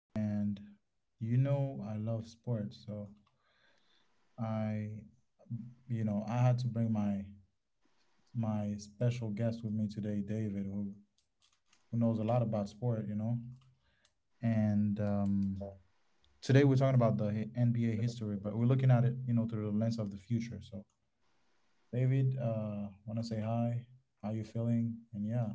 and you know I love sports, so I, I had to bring my special guest with me today, David, who knows a lot about sport, you know. And today we're talking about the NBA history, but we're looking at it, you know, through the lens of the future. So, David, want to say hi? How you feeling? And yeah,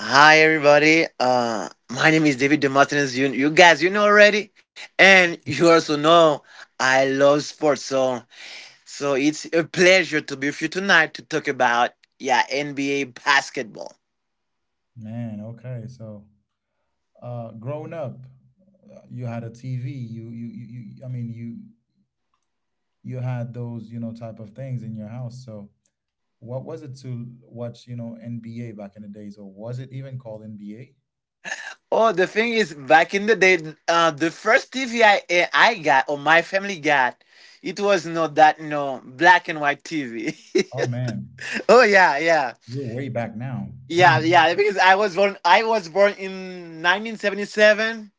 Hi everybody. My name is David Demosthenes. You guys, you know already, and you also know I love sports. So, it's a pleasure to be with you tonight to talk about yeah NBA basketball. man. Okay, so, growing up, you had a TV. You. I mean, you had those, type of things in your house. So, what was it to watch, NBA back in the days, or was it even called NBA? Oh, the thing is, back in the day, the first TV I got, or my family got, it was not that no black and white TV. Oh man, Oh yeah, yeah. we're way back now. Hmm. Yeah, yeah, because I was born in 1977.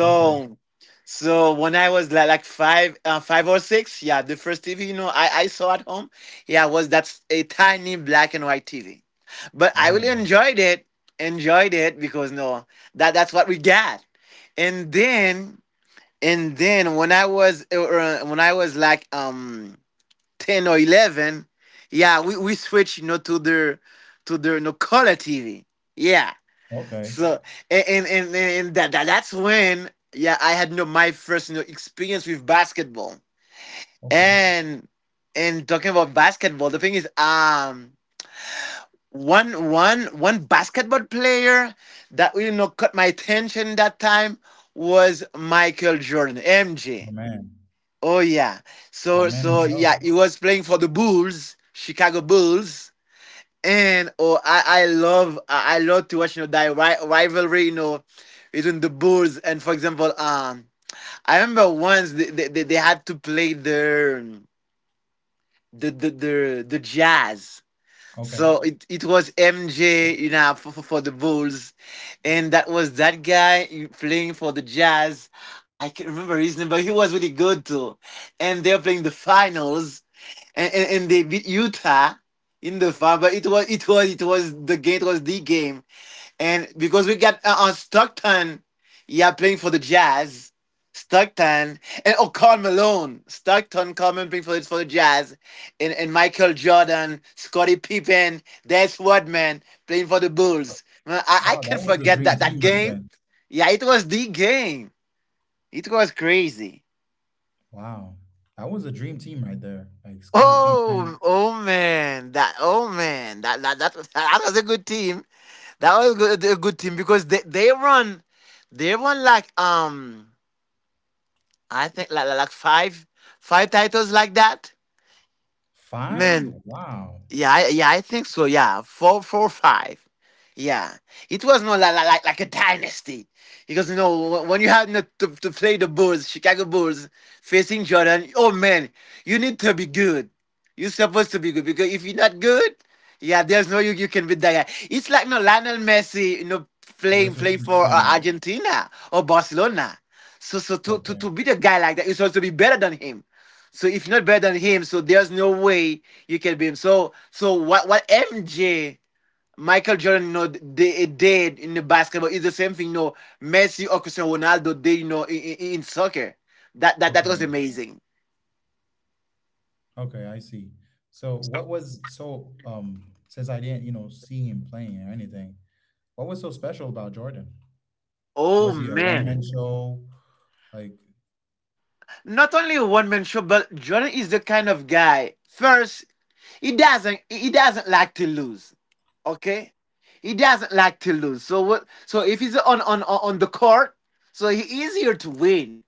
Okay. so, when I was like five or six, yeah, the first TV you know I saw at home, yeah, was a tiny black and white TV, but I Oh. really enjoyed enjoyed it because no, that's what we got. And then and then when I was like 10 or 11, yeah, we switched you know to the you know color TV, yeah. Okay. So and and and, and that, that that's when yeah I had you know my first you know experience with basketball. Okay. And talking about basketball, the thing is, one basketball player that really, you know, caught my attention that time was Michael Jordan, The MJ. man, Oh yeah, the man himself. He was playing for the Bulls, Chicago Bulls. And oh, I love to watch you know that rivalry you know between the Bulls and for example, I remember once they had to play their the Jazz. Okay. So it was MJ, you know, for the Bulls, and that was that guy playing for the Jazz. I can not remember his name, but he was really good too. And they're playing the finals, and, they beat Utah in the final. But it was the game. It was the game. And because we got Stockton, yeah, playing for the Jazz. Stockton, and oh, Karl Malone, Stockton, Carmen, playing for the Jazz. And, Michael Jordan, Scottie Pippen, Des Rodman playing for the Bulls. Man, I Oh, that can't was a forget dream that team back game. then. Yeah, it was the game. It was crazy. Wow. That was a dream team right there. Like Scottie Oh, Pippen. oh man, that was a good team. That was good, a good team, because they run like I think like five titles like that. Five? Man. Wow. Yeah, yeah, I think so. Yeah, five. Yeah, it was not like a dynasty, because you know when you have not to play the Bulls, Chicago Bulls, facing Jordan. Oh man, you need to be good. You're supposed to be good, because if you're not good, yeah, there's no you can beat that guy. It's like no Lionel Messi, you know, Versus playing for Cristiano. Argentina or Barcelona. So Okay, to beat a guy like that, you're supposed to be better than him. So if you're not better than him, so there's no way you can be him. So what MJ, Michael Jordan, you know, they did in the basketball is the same thing you know Messi or Cristiano Ronaldo did you know in, soccer. That okay, was amazing. okay. I see. So, what was so since I didn't see him playing or anything, what was so special about Jordan? Oh Was he a one man. man show? Like Not only a one man show, but Jordan is the kind of guy. First, he doesn't like to lose. Okay? He doesn't like to lose. So what, so if he's on the court, so he is here to win.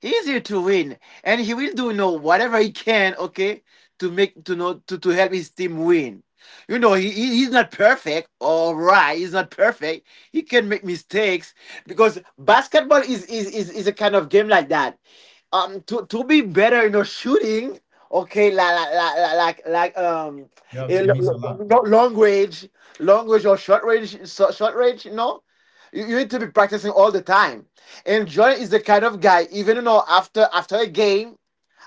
He's here to win, and he will do you know whatever he can, okay, to make to know to help his team win. You know he's not perfect, all right. He's not perfect. He can make mistakes, because basketball is a kind of game like that. To be better, you know, shooting, okay, like you have eh, to miss a lo- lot. lo- long range, long range or short range, short range, you know, you need to be practicing all the time. And Jordan is the kind of guy, even you know, after a game,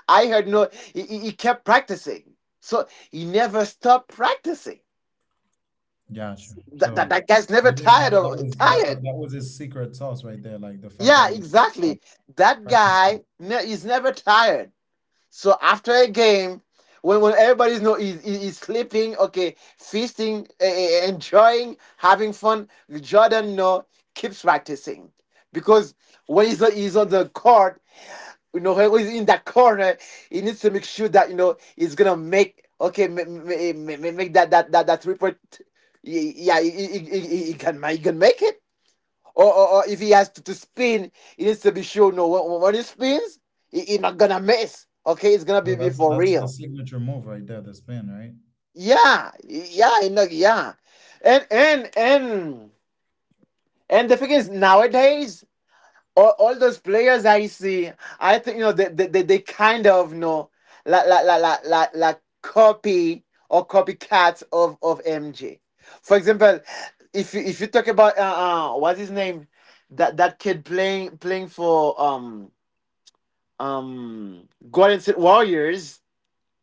I heard you know, he kept practicing. So he never stopped practicing. Gotcha. So That guy's never you think tired that that of was that, tired. that that was his secret sauce right there, like the fact Yeah, that he never exactly. stopped That practicing. guy is never tired. So after a game, when everybody's no is sleeping, okay, feasting, enjoying, having fun, Jordan you know keeps practicing, because when he's on the court, you know, when he's in that corner, he needs to make sure that you know he's gonna make, okay, make that 3-point. Yeah, he can he can make it. Or if he has to spin, he needs to be sure. No, When, he spins, he not gonna miss. Okay, it's gonna So be that's for that's the real. signature move right there, the spin, right? Yeah, yeah, and and the thing is nowadays, all those players I see, I think you know they kind of you know like copy or copycats of MJ. For example, if if you talk about what's his name, that kid playing for Golden State Warriors.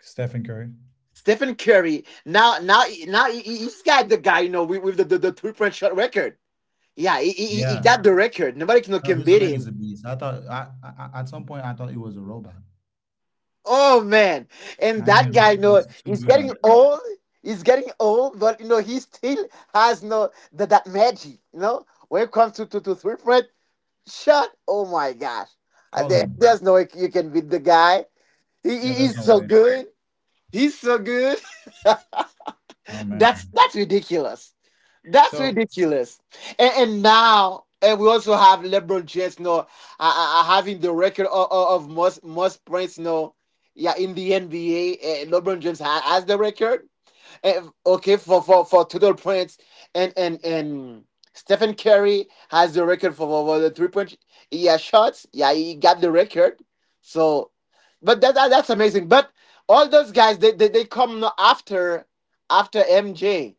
Stephen Curry. Stephen Curry, now he- has got the guy you know with, the 3-point shot record. Yeah, he Yeah. got the record. Nobody No, can beat this man him. is a beast. I thought, at some point I thought he was a robot. Oh man, and My that man guy, was you know, too he's good getting at it. old. He's getting old, but you know he still has no that magic. You know, when it comes to 3-point shot, oh my gosh. Call There's him. no way you can beat the guy. Yeah, He's there's no so way. good. He's so good. Oh man. That's ridiculous. That's So ridiculous. And now, and we also have LeBron James, you know, having the record of, most points, you know, yeah, in the NBA. LeBron James has the record, okay, for total points, and Stephen Curry has the record for the 3-point yeah shots. Yeah, he got the record. So, but that's amazing. But all those guys, they come no after MJ.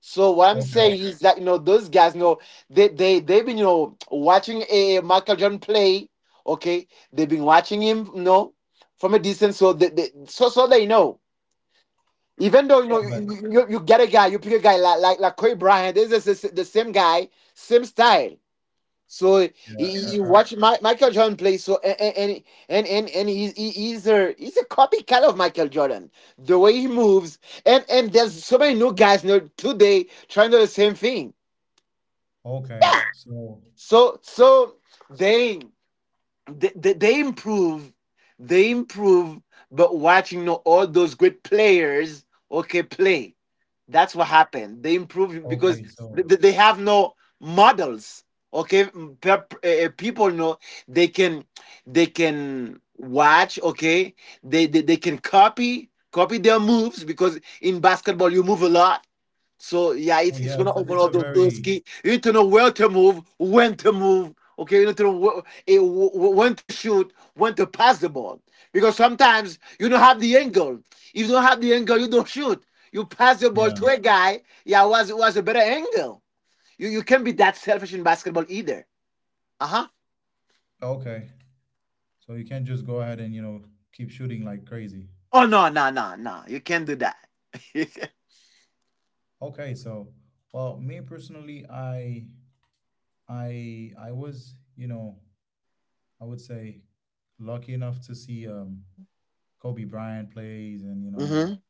So what I'm okay. saying is that you know those guys, you know, they've been you know watching a Michael Jordan play. Okay, they've been watching him, you know, from a distance. So they they know. Even though you know Yeah, but you get a guy, you pick a guy like Kobe Bryant. This is the same guy, same style. So yeah. You watch Michael Jordan play. So and he's a copycat of Michael Jordan. The way he moves. And there's so many new guys you know today trying to do the same thing. Okay. Yeah. So So they they improve, they improve but watching all those great players, okay, play, that's what happened, they improve because okay. So they have no models, okay. People know they can, they can watch, okay, they can copy, their moves, because in basketball you move a lot. So yeah, oh it's yeah. One It's a, of it's a those very key. You need to know where to move, when to move. Okay, you need to know when to shoot, when to pass the ball. Because sometimes you don't have the angle. If you don't have the angle, you don't shoot. You pass the ball yeah. to a guy. Yeah, was a better angle. You can't be that selfish in basketball either. Uh huh. Okay. So you can't just go ahead and keep shooting like crazy. Oh no! You can't do that. Okay. So well, me personally, I was, I would say, lucky enough to see Kobe Bryant plays, and Mm-hmm.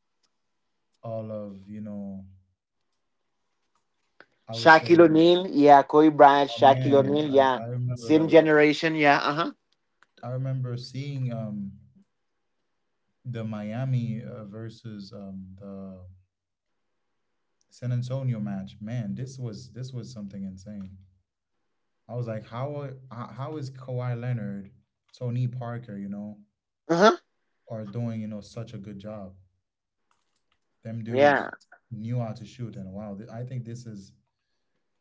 all of, I would Shaquille say. O'Neal, yeah. Kobe Bryant, Oh Shaquille man, O'Neal, like yeah. I remember, Same generation, yeah. Uh huh. Seeing the Miami versus the San Antonio match. Man, this was something insane. I was like, how is Kawhi Leonard, Tony Parker, Uh huh. are doing such a good job? Them dudes Yeah. knew how to shoot, and wow, I think this is,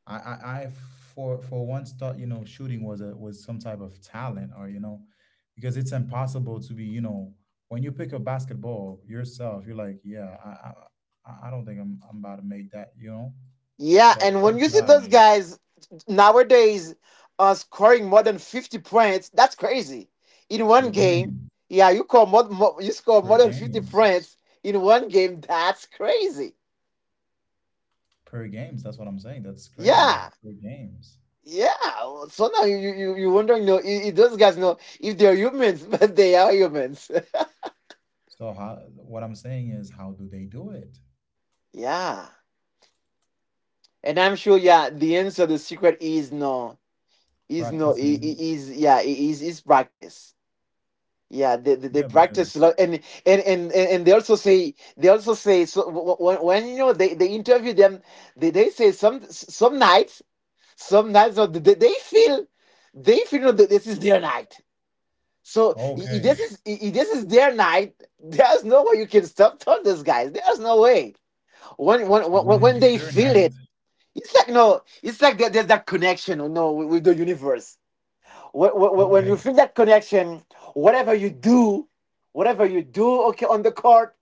I for once thought shooting was a was some type of talent, or because it's impossible to be, when you pick up basketball yourself, you're like, yeah, I don't think I'm about to make that, you know. Yeah, But and when those you see those guys, guys nowadays, scoring more than 50 points, that's crazy. In one per game, game, yeah, you call more you score per more than 50 games, points in one game, that's crazy. per games, that's what I'm saying, that's crazy, like Yeah. per games. Yeah. So now you wondering if those guys know if they're humans, but they are humans. So how — what I'm saying is, how do they do it? Yeah. And I'm sure yeah, the secret is no. Is no I- I- Practicing. is yeah, I- is practice. Yeah, they Yeah, practice a because lot, and, and they also say, so when you know they interview them, they say some nights, some nights they feel, they feel you know that this is their night. So i- i- this okay, is i- i- this is their night. There's no way you can stop those guys. There's no way. When so when when when when it's they their feel night, it, it's like no, it's like there's that connection, you know, with the universe when you okay, feel that connection, whatever you do, whatever you do, okay, on the court,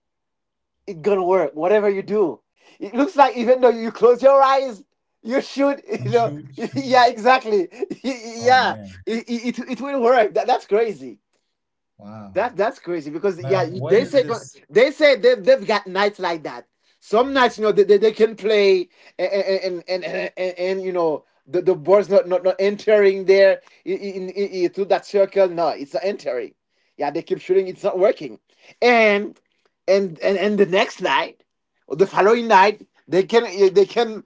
it gonna work. Whatever you do, it looks like even though you close your eyes, you shoot, and shoot. yeah, exactly, Oh yeah, man. it will work. That's crazy. Wow. That's crazy because But yeah, what is this? they say they've got nights like that. Some nights, you know, they can play and you know the, the ball's not entering there through that circle. No, it's not entering. Yeah, they keep shooting, it's not working. And and the next night or the following night, they can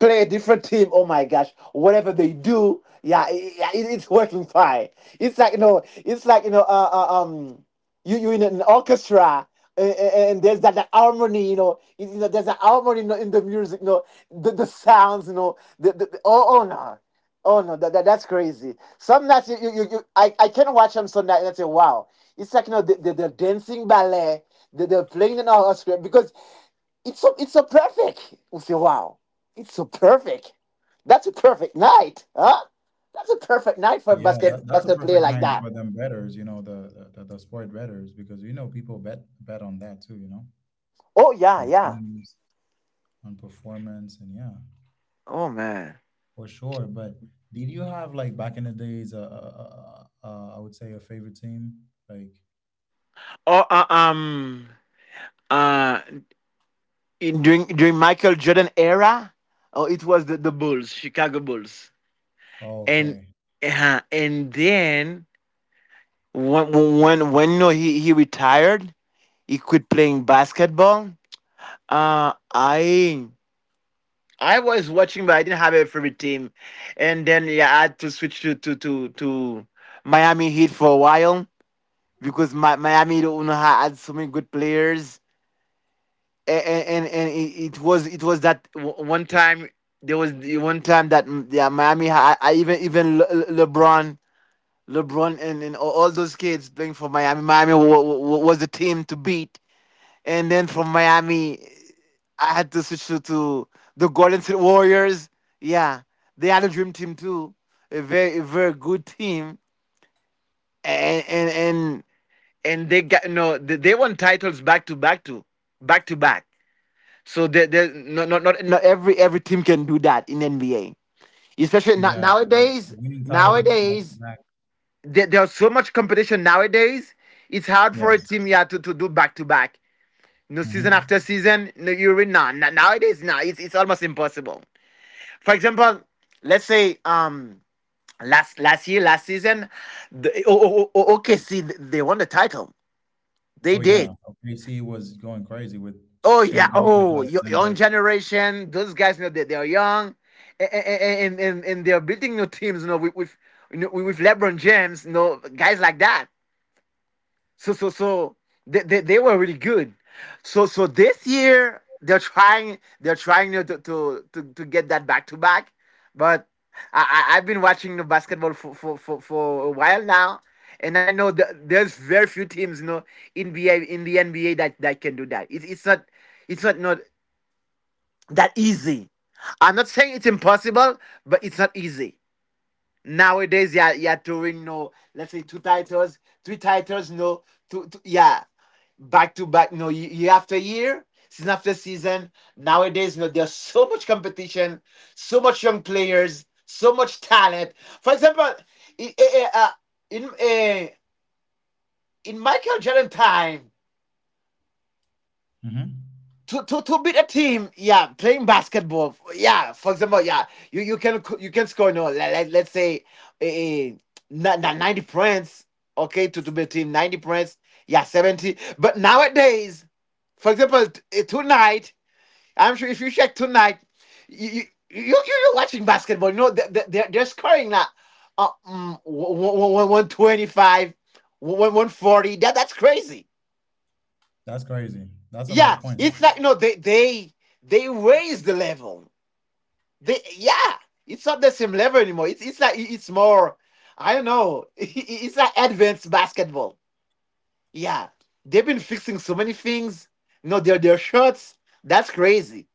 play a different team. Oh my gosh, whatever they do, yeah, it's working fine. It's like you know, you you in an orchestra. And there's that, that harmony, you know. You know, there's an harmony you know, in the music, you know, the sounds, you know. Oh no, oh no, that's crazy. Some nights I can watch them some nights and I say, wow, it's like you know, they're dancing ballet, they, they're playing in an orchestra because it's so perfect. We say, wow, it's so perfect. That's a perfect night, huh? That's a perfect night for a Yeah, that's a basket player perfect like line that. for them betters, the sport betters, because people bet on that too, Oh yeah, on yeah. teams, on performance, and yeah, Oh man. for sure. But did you have like back in the days, I would say, a favorite team? Like, Oh uh in, during Michael Jordan era, oh it was the Bulls, Chicago Bulls, oh, and okay, and then when no he retired, he quit playing basketball. Uh, I I was watching, but I didn't have a favorite team. And then yeah, I had to switch to Miami Heat for a while because Miami don't know how- had so many good players. And it was that one time there was the one time that yeah Miami I even LeBron LeBron and all those kids playing for Miami was the team to beat and then from Miami I had to switch to the Golden State Warriors. Yeah, they had a dream team too, a very good team, and and and, and they got no they, they won titles back to back to back to back. So they not every team can do that in NBA, especially not yeah, nowadays. winning titles back to Nowadays back. There's so much competition nowadays. It's hard for a Yes. team yeah to do back to back. No season after Hmm. season, no you're in nowadays it's almost impossible. For example, let's say last year, last season, the, oh, oh, oh, oh, OKC they won the title. They Oh did. yeah, OKC was going crazy with Oh Shea yeah. Oh, young Gilgeous-Alexander. generation. Those guys, you know, they are young, and they are building new teams. You know, with you know, with LeBron James. You know, guys like that. So they were really good. So this year they're trying to get that back to back. But I, I I've been watching the basketball for a while now, and I know that there's very few teams you know in NBA in the NBA that, that can do that. It's not not that easy. I'm not saying it's impossible, but it's not easy. Nowadays, yeah, yeah, touring no. Let's say two titles, three titles, no. Two yeah, back to back, no. Year after year, season after season. Nowadays, no. There's so much competition, so much young players, so much talent. For example, in eh, eh, in, eh, in Michael Jordan time. Hmm. To beat a team, yeah, playing basketball, yeah, for example, yeah, you can score no, let, let, let's say eh, eh, 90 points, okay, to beat a team, 90 points, yeah, 70. But nowadays, for example, tonight, I'm sure if you check tonight, you you you you- are watching basketball, you know, they're scoring now, 125, 140. That's crazy. That's crazy. That's a lot Yeah, of points. it's like no, they raise the level. They yeah, it's not the same level anymore. It's like it's more. I don't know. It's like advanced basketball. Yeah, they've been fixing so many things. No, their shirts. That's crazy.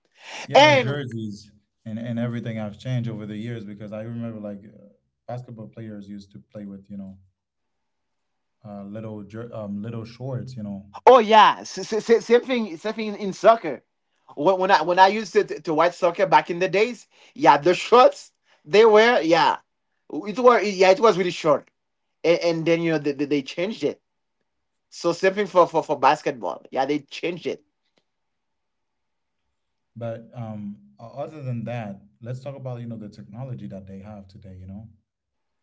Yeah, the And jerseys and everything have changed over the years, because I remember like, basketball players used to play with, little shorts. oh yeah, same thing. Same thing in soccer. When I used to watch soccer back in the days, yeah, the shorts they were yeah, it were it was really short. And then you know they changed it. So same thing for basketball. Yeah, they changed it. But other than that, let's talk about, the technology that they have today. You know,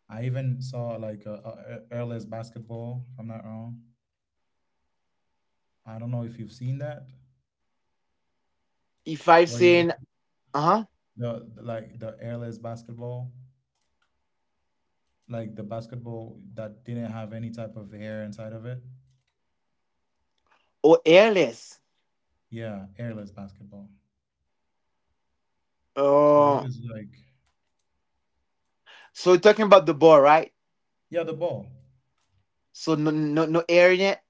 I even saw like a, airless basketball. If I'm not wrong. I don't know if you've seen that. If I've Where you, seen uh huh like the airless basketball, like the basketball that didn't have any type of air inside of it. or airless. Yeah, airless basketball. So it Oh, was like, so you're talking about the ball, right? yeah, the ball, So no no no air yet.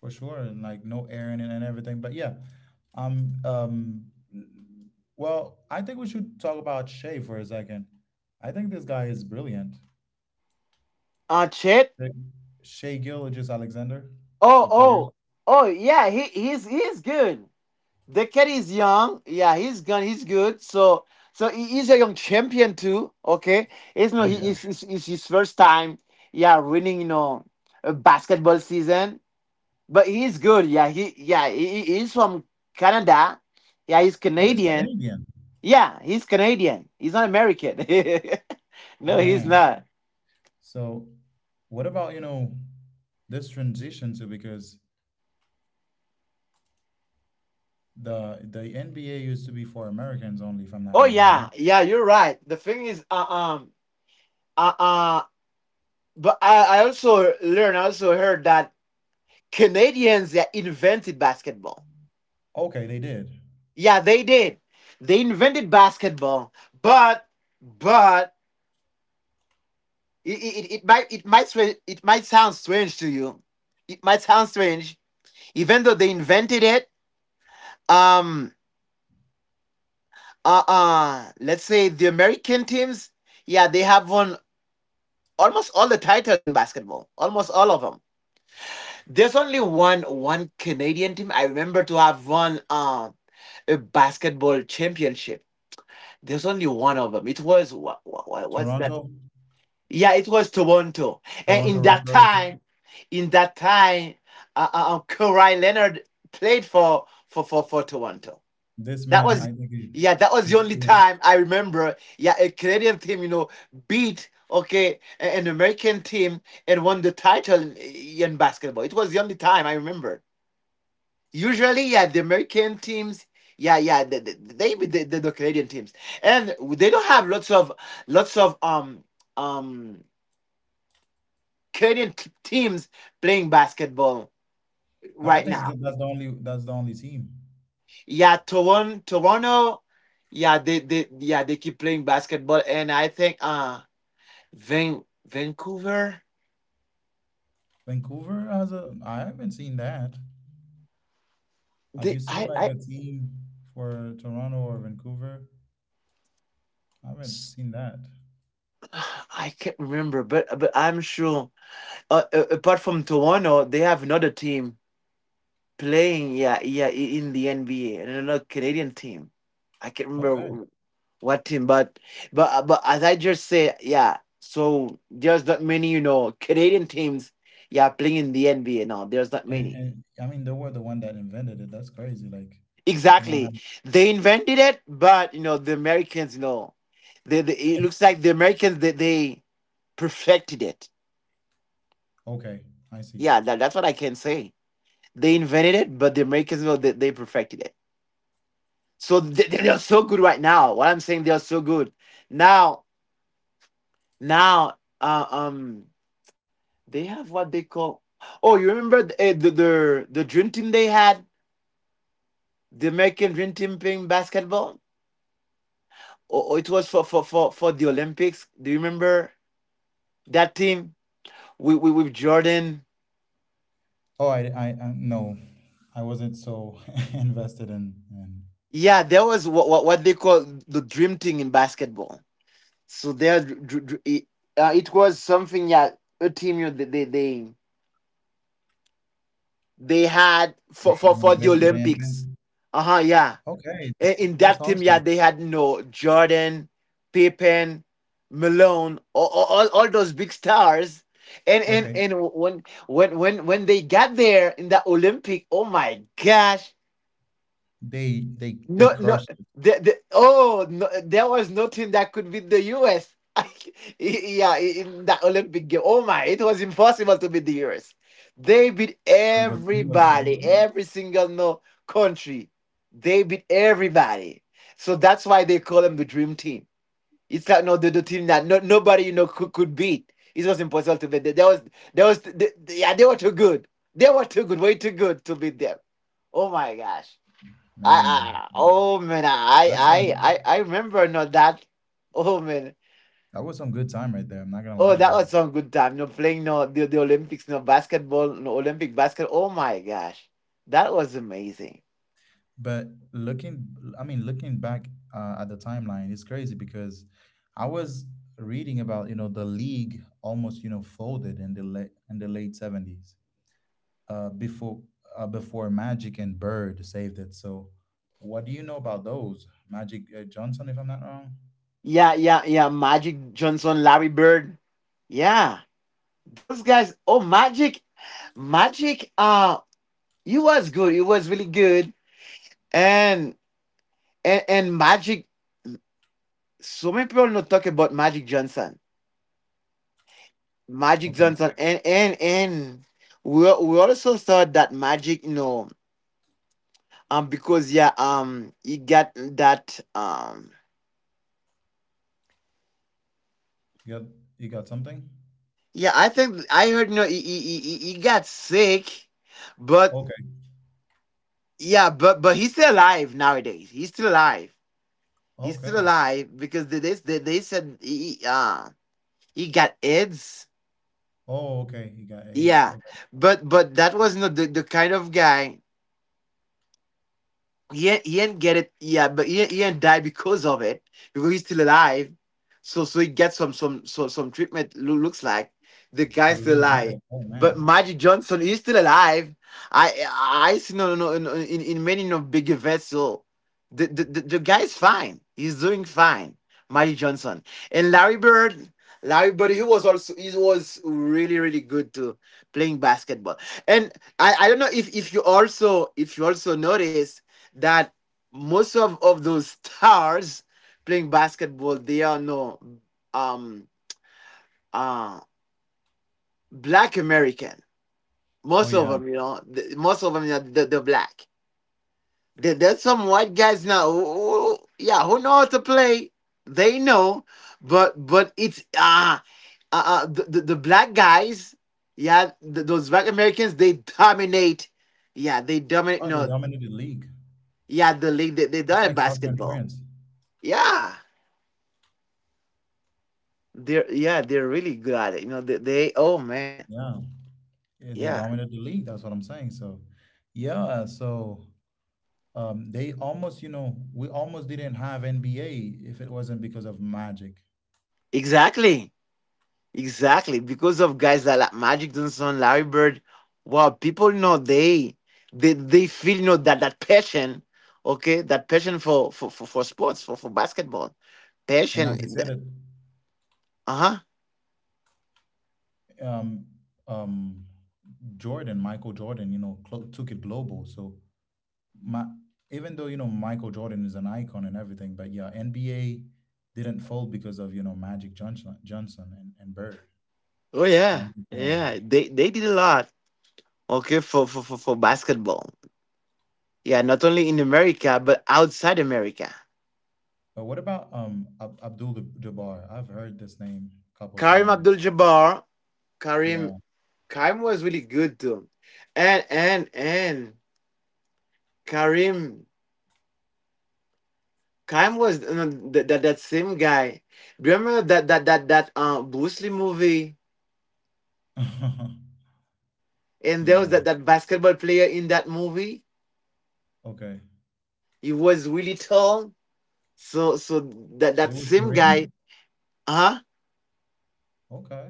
for sure, and like no air in it and everything. But yeah, um, um, well, I think we should talk about Shea for a second. I think this guy is brilliant. Chet. Shea, Shea Gilgeous Alexander, Oh the player. oh oh yeah. He's good. The kid is young. Yeah, he's good. He's good. So he is a young champion too. Okay, it's no Oh he yeah. is it's his first time. Yeah, winning you know a basketball season. But he's good. Yeah, he, he's from Canada. Yeah, he's Oh, he's Canadian. Canadian. Yeah, he's Canadian. He's not American. Oh no, he's man. not. So, what about, this transition, to, because the NBA used to be for Americans only, if I'm not Oh wrong, yeah, right? yeah, you're right. The thing is, uh, uh, but I also learned, I also heard that Canadians yeah, invented basketball. Okay, they did. Yeah, they did. They invented basketball, but but it might it might sound strange to you. It might sound strange, even though they invented it um let's say the american teams yeah they have won almost all the titles in basketball almost all of them there's only one canadian team I remember to have won a basketball championship there's only one of them it was what's that Toronto, yeah it was toronto and Toronto Raptors. In that time Kawhi Leonard played for Toronto. This That man, was, I think it yeah, that was the only is. time I remember. Yeah, a Canadian team, you know, beat okay an American team and won the title in basketball. It was the only time I remember. Usually, yeah, the American teams. Yeah, yeah, they beat the, the Canadian teams, and they don't have lots of um Canadian teams playing basketball No, I right think now. That's the only team. Yeah, Toronto, yeah, they keep playing basketball, and I think Vancouver. Vancouver has a. I haven't seen that. Have you They seen like a team for Toronto or Vancouver? I haven't seen that. I can't remember, but I'm sure. Apart from Toronto, they have another team playing. Yeah, yeah, in the NBA, and another Canadian team. I can't Okay, remember what team, but but as I just said, yeah. So there's not many, you know, Canadian teams. Yeah, playing in the NBA now. There's not many. and I mean they were the one that invented it. That's crazy. Like, to not have. Exactly. They invented it, but you know, the Americans, you know, they it looks like the Americans they perfected it. Okay, I see. Yeah, that's what I can say. They invented it, but the Americans you know that they perfected it. So they are so good right now. What I'm saying, they are so good. Now, now, they have what they call. Oh, you remember the the dream team they had, the American dream team playing basketball. Oh, oh, it was for the Olympics. Do you remember that team? With Jordan. Oh, I no, I wasn't so invested in Yeah, there was what they call the dream team in basketball. So there, dr- dr- dr- it, it was something. Yeah, a team you they had they for the invent they Olympics. invent. Uh huh. Yeah, Okay, in that's that team, yeah, awesome. they had no Jordan, Pippen, Malone, all those big stars. Okay, And when they got there in the Olympic, oh my gosh! they No, no. crushed it. Oh, no, there was nothing that could beat the US. yeah, in that Olympic game. Oh my, it was impossible to beat the US. They beat The team was so everybody, good, every single no country. They beat everybody. So that's why they call them the dream team. It's like no, the team that no, nobody you know could beat. It was impossible to beat them. Yeah, they were too good. They were too good, way too good to beat them. Oh my gosh. I, man. I oh man, I That's some I good. I I remember no that. Oh man, That was some good time right there. I'm not gonna lie oh to that you. was some good time. No playing no the Olympics, no basketball, no Olympic basket. Oh my gosh, that was amazing. But looking, I mean, looking back, at the timeline, it's crazy, because I was reading about, the league almost, folded in the late 70s, uh, before before Magic and Bird saved it. So, what do you know about those? Magic, Johnson, if I'm not wrong. Yeah, yeah, yeah. Magic Johnson, Larry Bird. Yeah, those guys. Oh, Magic, Magic. He was good. He was really good. And and Magic. So many people don't talk about Magic Johnson. Magic Okay. Johnson and we also saw that Magic, you know, because yeah, he got that You got you got something? yeah, I think I heard you know he got sick, but Okay. yeah, but he's still alive nowadays. He's still alive. He's still Okay. alive because they said he got AIDS. Oh, okay. He got AIDS. Yeah, Okay. but that was not the kind of guy. He ain't get it. Yeah, but he ain't die because of it because he's still alive. So he gets some treatment. Looks like the So guy's he still really had alive. it. Oh But man. Magic Johnson he's still alive. I see no no no in many of big events. So the guy's fine. He's doing fine. Magic Johnson and Larry Bird. Larry Bird he was also he was really good to playing basketball. And I don't know if you also notice that most of those stars playing basketball they are no um uh black american, Oh most of yeah. them you know most of them are the black. There's some white guys now yeah who know how to play. They know, but it's the black guys. Yeah, those black americans they dominate. Yeah, they dominate Oh, they no dominated the league. yeah the league they It's dominate like soccer in basketball. France. Yeah, they're, yeah, they're really good at it. You know, they oh man. Yeah. Yeah, they Yeah. dominated the league. That's what I'm saying. So yeah, so they almost, you know, we almost didn't have NBA if it wasn't because of Magic. Exactly. Exactly. Because of guys that like Magic Johnson, Larry Bird, wow, people you know they feel you know that passion, okay, that passion for sports, for basketball. And Passion. as you said it, Uh-huh. um um Michael Jordan, clo took it global. So my even though, Michael Jordan is an icon and everything, but yeah, NBA didn't fold because of, Magic Johnson, and Bird. Oh So I yeah. think, yeah. Yeah. They did a lot, okay, for basketball. Yeah, not only in America, but outside America. But what about Abdul Jabbar? I've heard this name a couple Karim Abdul times. Jabbar, Karim Yeah, Kaim was really good too, and and Karim. Kaim was that, that same guy. Do you remember that Bruce Lee movie, and there yeah. was that basketball player in that movie. Okay. He was really tall. So that So it was same guy, Kareem. huh? Okay.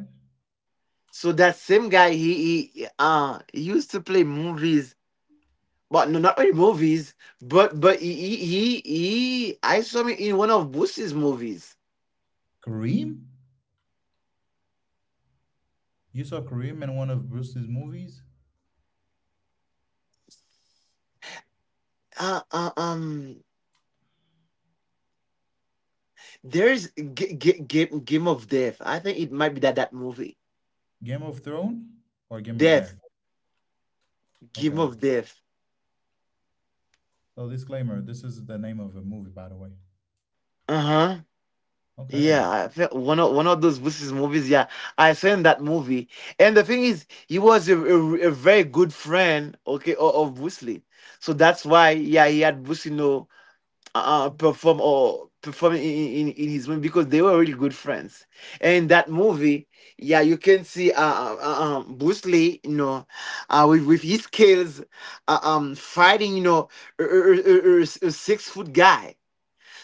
So that same guy, he, he used to play movies, but no, not really movies, but he I saw him in one of Bruce's movies. Kareem? You saw Kareem in one of Bruce's movies? Uh, uh um There's Game of Death. I think it might be that movie. Game of Thrones or Game of Death? Death, Game Okay. of Death. So disclaimer, this is the name of a movie, by the way. Uh huh. Yeah, Okay. I think one of those Bruce's movies. Yeah, I saw in that movie, and the thing is, he was a very good friend, okay, of Bruce Lee. So that's why, yeah, he had Bruce, you know, perform in his movie because they were really good friends. And that movie, yeah, you can see Bruce Lee, you know, with his skills, fighting, you know, a 6-foot guy.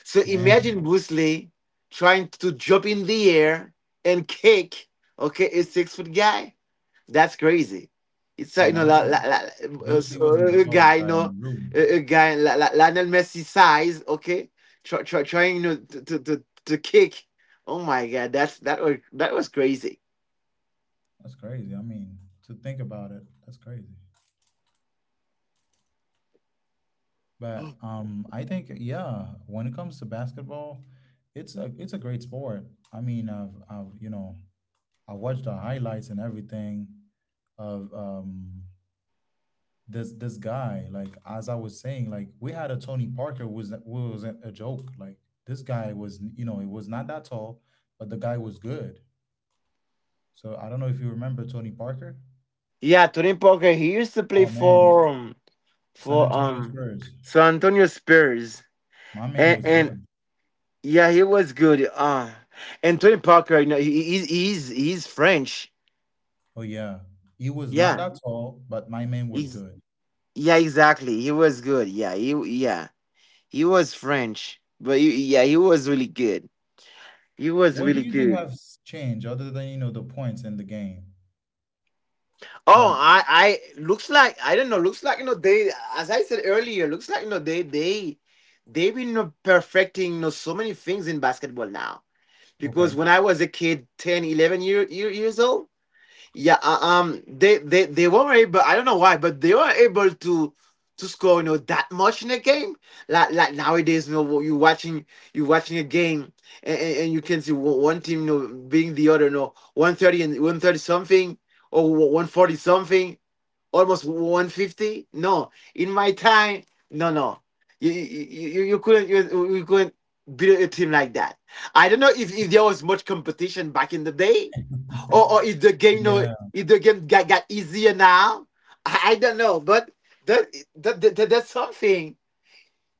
So imagine Man. Bruce Lee trying to jump in the air and kick, okay, a 6-foot guy. That's crazy. It's you And know I la, think la, la, Bruce so, Lee wasn't the a tallest guy you guy in know the room. a guy Lionel Messi size, okay, trying you know, to kick. Oh my god, that was crazy. That's crazy. I mean, to think about it, that's crazy. But I think yeah, when it comes to basketball, it's a great sport. I mean, I've I watched the highlights and everything of, this guy. Like as I was saying, like we had a Tony Parker who was a joke. Like this guy was, it was not that tall, but the guy was good. So I don't know if you remember Tony Parker. Yeah, Tony Parker he used to play Oh for man, San for Antonio um Spurs. San Antonio Spurs, My man and was good. yeah he was good. And Tony Parker you know he's French. Oh yeah, he was not Yeah, that tall, but my man was he's, good. yeah, exactly. He was good. Yeah. He was French, but he, yeah, he was really good. He was What do really you think good. has changed other than, the points in the game? Oh, Like, I looks like I don't know. Looks like you know as I said earlier, looks like you know they've been you know, perfecting you know so many things in basketball now. Because okay, when I was a kid, 10, 11 years old. Yeah, they weren't able. I don't know why, but they weren't able to score you know that much in a game. Like nowadays, you know, you watching a game, and, and you can see one team you know being the other, you know, 130 and 130 something or 140 something, almost 150. No, in my time, no, no, you you you, you couldn't you, you couldn't beat a team like that. I don't know if there was much competition back in the day or yeah, is the game got easier now? I don't know, but that's something.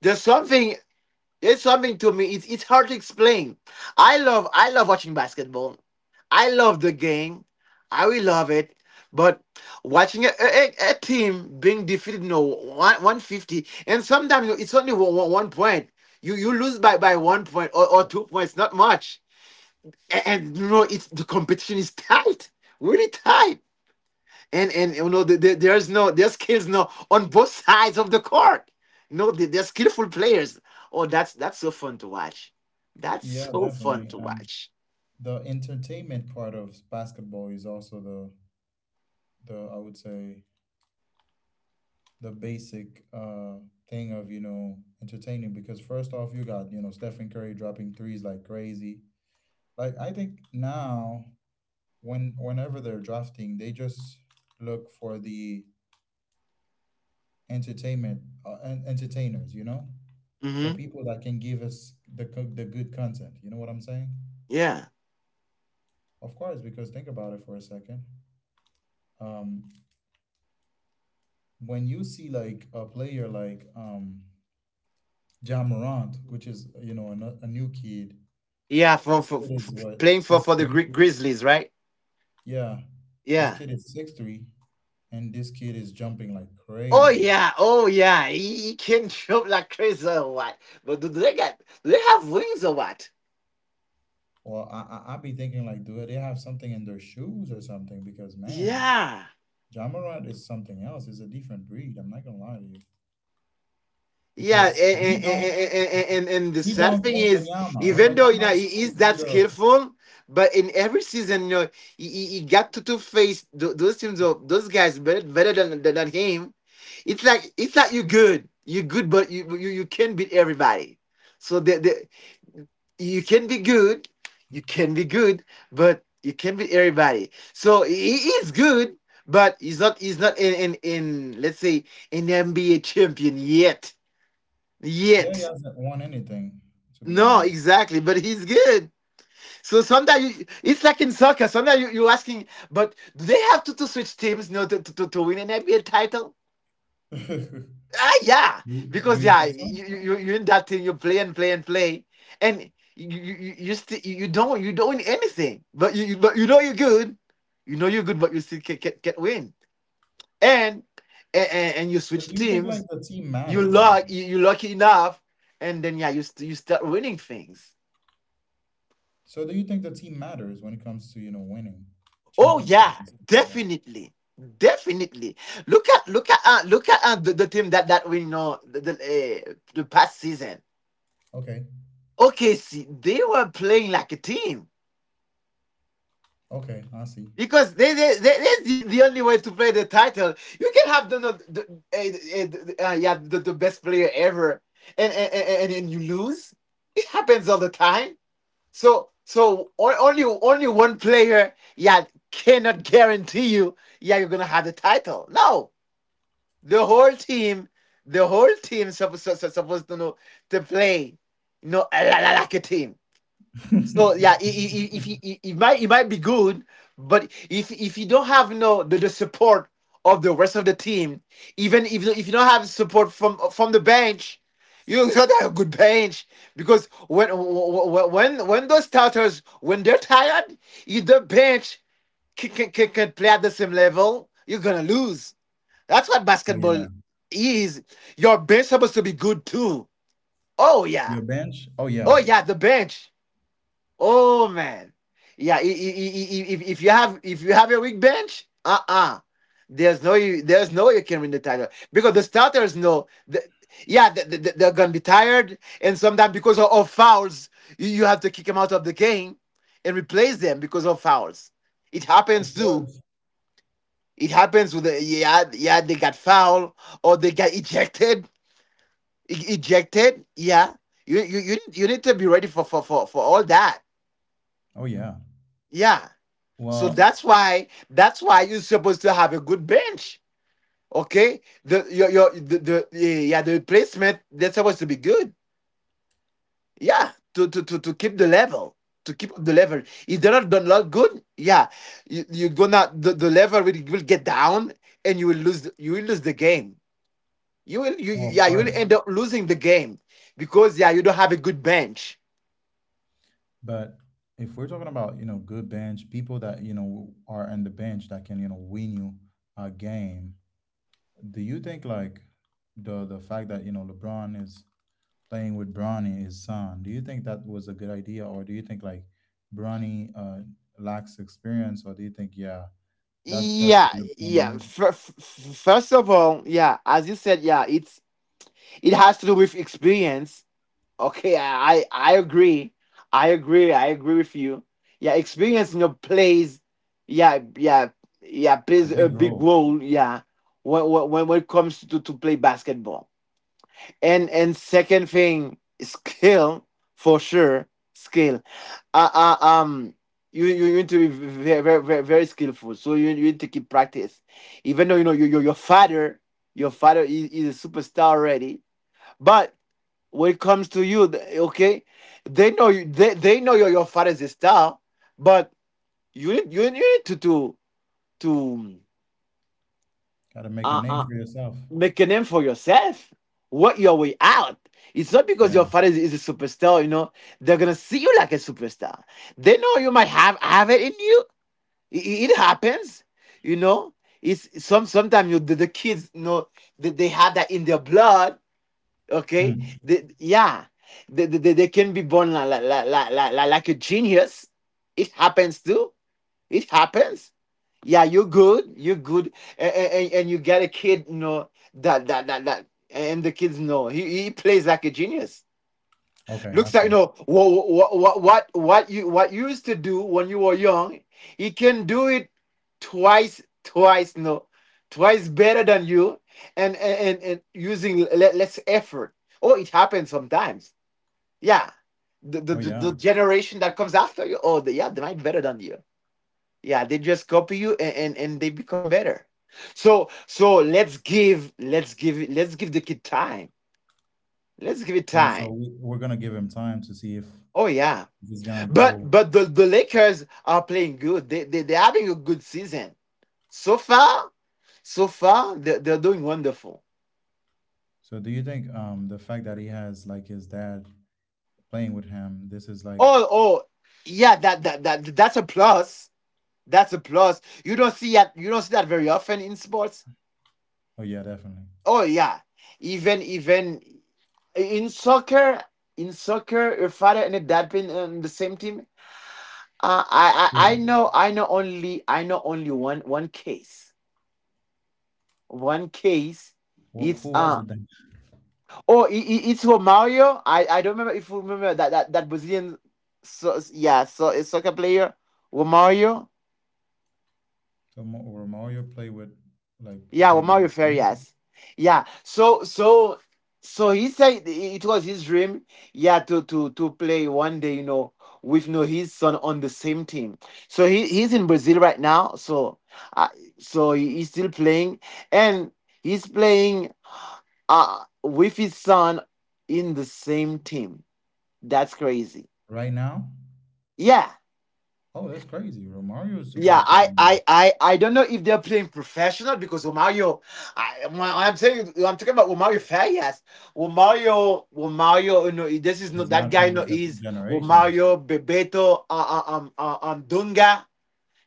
There's something. It's something to me. It's hard to explain. I love watching basketball. I love the game. I will love it. But watching a team being defeated, you know, 150, and sometimes you know, it's only one point. You lose by 1 point or 2 points, not much. And, you know, it's the competition is tight, really tight. And you know there's no there's skills no on both sides of the court. You know they're skillful players. Oh, that's so fun to watch. That's yeah, so fun definitely. to And watch. the entertainment part of basketball is also the, I would say, the basic thing of, entertaining, because first off, you got, Stephen Curry dropping threes like crazy. Like, I think now whenever they're drafting, they just look for the entertainers, the Mm-hmm. people that can give us the good content. You know what I'm saying? Yeah, Of course, because think about it for a second. Um, when you see like a player like, Ja Morant, which is, a new kid, yeah, for, this kid is what, playing six for the three? Grizzlies, right? Yeah, this Yeah. kid is 6'3", and this kid is jumping like Oh crazy. yeah, oh yeah, he can jump like crazy or what? But do they have wings or what? Well, I be thinking like, do they have something in their shoes or something? Because man, Yeah. John Morant is something else. It's a different breed. I'm not gonna lie to you. Yeah, Because and, the he sad don't thing want is, Banyama. When even though you know Banyama is he is supposed to be that the, skillful, but in every season, you know, he got to face those teams of those guys better than, than him. It's like you're good, but you can not beat everybody. So the you can be good, you can be good, but you can not beat everybody. So he is good, but he's not in let's say an NBA champion yet yeah, he yet. hasn't won anything, to be No, honest. exactly. But he's good. So sometimes it's like in soccer. Sometimes you're asking, but do they have to switch teams, you know, to win an NBA title? Ah, yeah. Do, do Because you yeah, think so? Are in that team. You play and play and play, and still you don't win anything. But but you know you're good. You know you're good, but you still can can win. And, and you But switch do you think like teams. the team You matter then? luck you you lucky enough, and then yeah, you start winning things. So do you think the team matters when it comes to, winning Oh yeah, championships and stuff like that? definitely, definitely. Look at the team that we know the past season. Okay. Okay, see, they were playing like a team Okay, I see. because they that's the only way to play the title. You can have the best player ever, and and you lose. It happens all the time. So only one player yeah cannot guarantee you yeah you're gonna have the title. No, the whole team, the whole team supposed to know to play, you know, like a team. So yeah, I- if you- it might be good, but if you don't have you know, the support of the rest of the team, even if you don't have support from the bench, you don't have a good bench because when those starters when they're tired, if the bench can can play at the same level, you're gonna lose. That's what Oh basketball yeah. is. Your bench supposed to be good too. Oh yeah. Your bench? Oh Oh yeah. yeah, the bench. Oh man. Yeah, if you have a weak bench, uh-uh. There's no you can win the title. Because the starters know yeah, they're gonna be tired, and sometimes because of fouls, you have to kick them out of the game and replace them because of fouls. It Of happens too. course. It happens with the. Yeah, yeah, they got foul or they got ejected. Ejected, yeah. You you need to be ready for all that, Oh yeah. yeah. So Well, that's why you're supposed to have a good bench. Okay, the yeah, yeah, the replacement, they're supposed to be good, yeah, to keep the level, to keep up the level. If they're not good, yeah, you're gonna, the level will get down and you will you will lose the game. You will you oh, you- of Yeah, you will course. end up losing the game, because, yeah, you don't have a good bench. But if we're talking about, good bench, people that, are on the bench that can, win you a game, do you think like the fact that, LeBron is playing with Bronny, his son, do you think that was a good idea or do you think like Bronny lacks experience or do you think yeah, that's Yeah, definitely LeBron yeah. move First of all, yeah, as you said, yeah, it's, it has to do with experience. Okay, I agree, I agree, I agree with you. Yeah, experience, you know, plays, yeah, yeah, yeah, a plays a big big role. role. Yeah, when it comes to play basketball. And second thing, skill. For sure, skill. uh, uh, um you need to be very skillful. So you need to keep practice even though, you know, your your father, your father is a superstar already. But when it comes to you, okay, they know you, they know your father is a star. But you need, you need to to Gotta make a uh, name uh, for yourself. make a name for yourself. Work your way out. It's not because Yeah. your father is a superstar, you know, they're gonna see you like a superstar. They know you might have it in you. It happens, you know. It's sometimes you, the kids, you know, they have that in their blood. Okay, Hmm. they, yeah, they, they can be born like a genius. It happens too, it happens. Yeah, you're good. You're good, and, and you get a kid, you know, and the kids know he plays like a genius. Okay, I Looks like, you see. know, what you used to do when you were young. He can do it, twice, twice, no, twice better than you, and and using less effort. Oh, it happens sometimes. Yeah, the Oh yeah. the generation that comes after you, oh, they, yeah, they might be better than you. Yeah, they just copy you and, and they become better. So let's give the kid time. Let's give it time. Also, we're gonna give him time to see Oh yeah. if he's gonna But grow. The Lakers are playing good. They, they're having a good season. So far, so far they're doing wonderful. So, do you think the fact that he has like his dad playing with him, this is like, Oh yeah, that, that's a plus. That's a plus. You don't see that, you don't see that very often in sports. oh yeah, definitely. Oh yeah, even, even in soccer, in soccer, your father and your dad been on the same team. Uh, I, Who? I know, I know only, I know only one case, one case. It's, Who was uh, it then? oh, it's Romario. I don't remember if you remember that, that Brazilian, so yeah, so a soccer player, Romario. So, Romario played with like Yeah, played with Omar his Fair, son yes. Yeah. So, he said it was his dream, yeah, to play one day, you know, with, you know, his son on the same team. So he's in Brazil right now. So, uh, so he, he's still playing, and he's playing, uh, with his son in the same team. That's crazy. right now. Yeah. Oh, that's crazy. Romario is Yeah, supposed to be I don't know if they're playing professional, because Romario, I'm saying, I'm talking about Romario Farias. Romario, Romario, you know, this is not is that not from guy. No, this is generation. Romario, Bebeto, Dunga.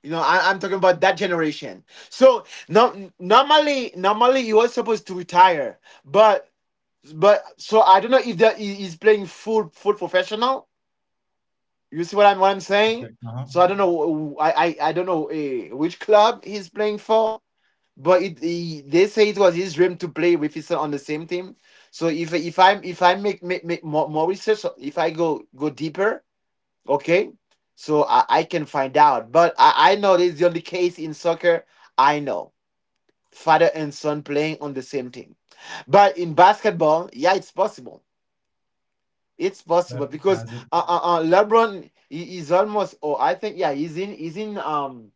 You know, I'm talking about that generation. So no, normally, normally he was supposed to retire, but but so I don't know if that he is playing full professional. You see what I'm, what I'm saying? Okay. Uh So I huh. don't know. I don't know, which club he's playing for, but it, he, they say it was his dream to play with his son on the same team. So if I make, make more, more research, so if I go deeper, okay, so I can find out. But I know this is the only case in soccer I know, father and son playing on the same team. But in basketball, yeah, it's possible. It's possible But because, has it LeBron, he is almost, oh I think, yeah, he's in,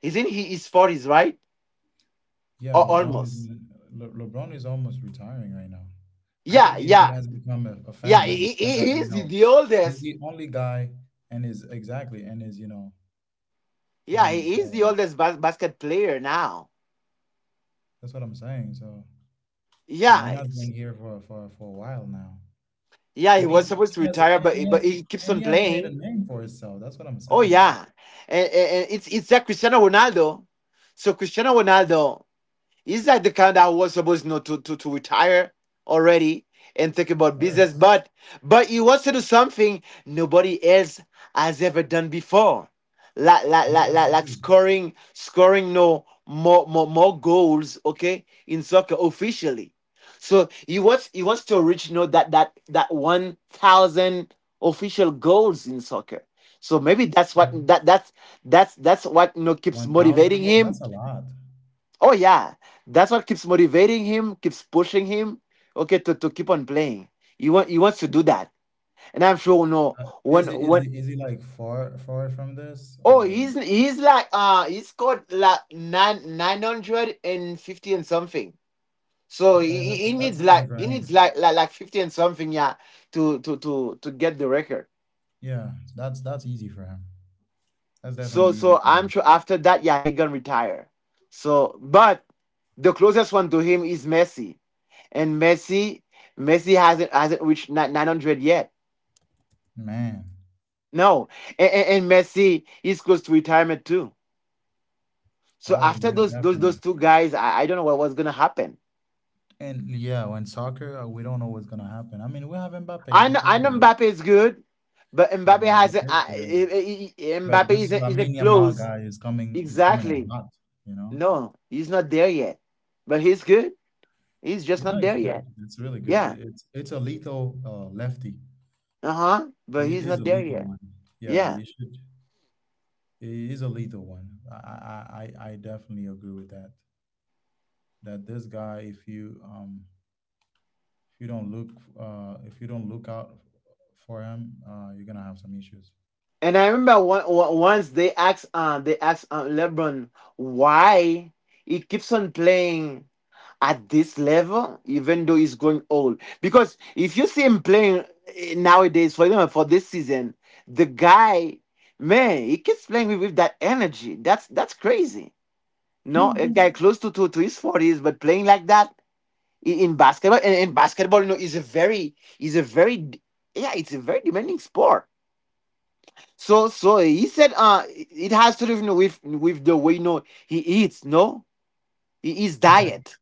he's in, he is forties, right? Yeah, Or LeBron is almost. LeBron is almost retiring right now. I yeah think he yeah has become a yeah, phenomenon. he, The fact he that you is know the he's oldest. the only guy, and is exactly and is you know and Yeah, he's he is the oldest basket player now. that's what I'm saying. So the yeah man has it's- been here for a while now, yeah, he and was supposed to he has retire, and but he but has he keeps and on he has made a playing. name for himself. That's what I'm Oh saying. So yeah, of and, and it's a Cristiano Ronaldo. So Cristiano Ronaldo, he's like the kind that was supposed, you know, to, to retire already and think about business, course, but he wants to do something nobody else has ever done before, like what he wants to do. scoring, scoring no, more goals, okay, in soccer officially. So he wants to reach, you know, that 1,000 official goals in soccer. So maybe that's what, So that's what, you know, keeps 1,000 motivating goals. him. That's a lot. Oh yeah, that's what keeps motivating him, keeps pushing him. Okay, to keep on playing. He wants to do that, and I'm sure, you know, Uh, when when. Is he like far far from this Oh, or? He's like, uh, he scored like nine hundred and fifty and something. So Okay, he that's needs easy like, for him. Like fifty and something, yeah, to to get the record. Yeah, that's easy for him. That's So definitely easy for I'm him. sure after that, yeah, he gonna retire. So but the closest one to him is Messi. And Messi, Messi hasn't reached 900 yet. Man. No, and, and Messi is close to retirement too. So Oh after yeah, those definitely. two guys, I don't know what, what's gonna happen. And yeah, when soccer, we don't know what's gonna happen. I mean, we have Mbappe, which is I know good. Mbappe is good, but Yeah, Mbappe hasn't. Mbappe's good. But Mbappe this Lamine isn't Yamal close, guy is coming in exactly. hot. You know, No, he's not there yet. But he's good. He's just you know not he's there good. yet. It's really good. Yeah. It's a lethal lefty. Uh huh. But He he's is not a there lethal yet. one. Yeah, Yeah. you should. He is a lethal one. I definitely agree with that. That this guy, if you don't look if you don't look out for him, you're gonna have some issues. And I remember one, once they asked, they asked, LeBron why he keeps on playing at this level, even though he's going old. Because if you see him playing, eh, nowadays, for example, for this season, the guy, man, he keeps playing with that energy. That's crazy. No, a okay. guy close to, to his forties, but playing like that in basketball. And basketball, you know, is a very, is a very, yeah, it's a very demanding sport. So he said, uh, it has to do with the way, you know, he eats, no? His diet.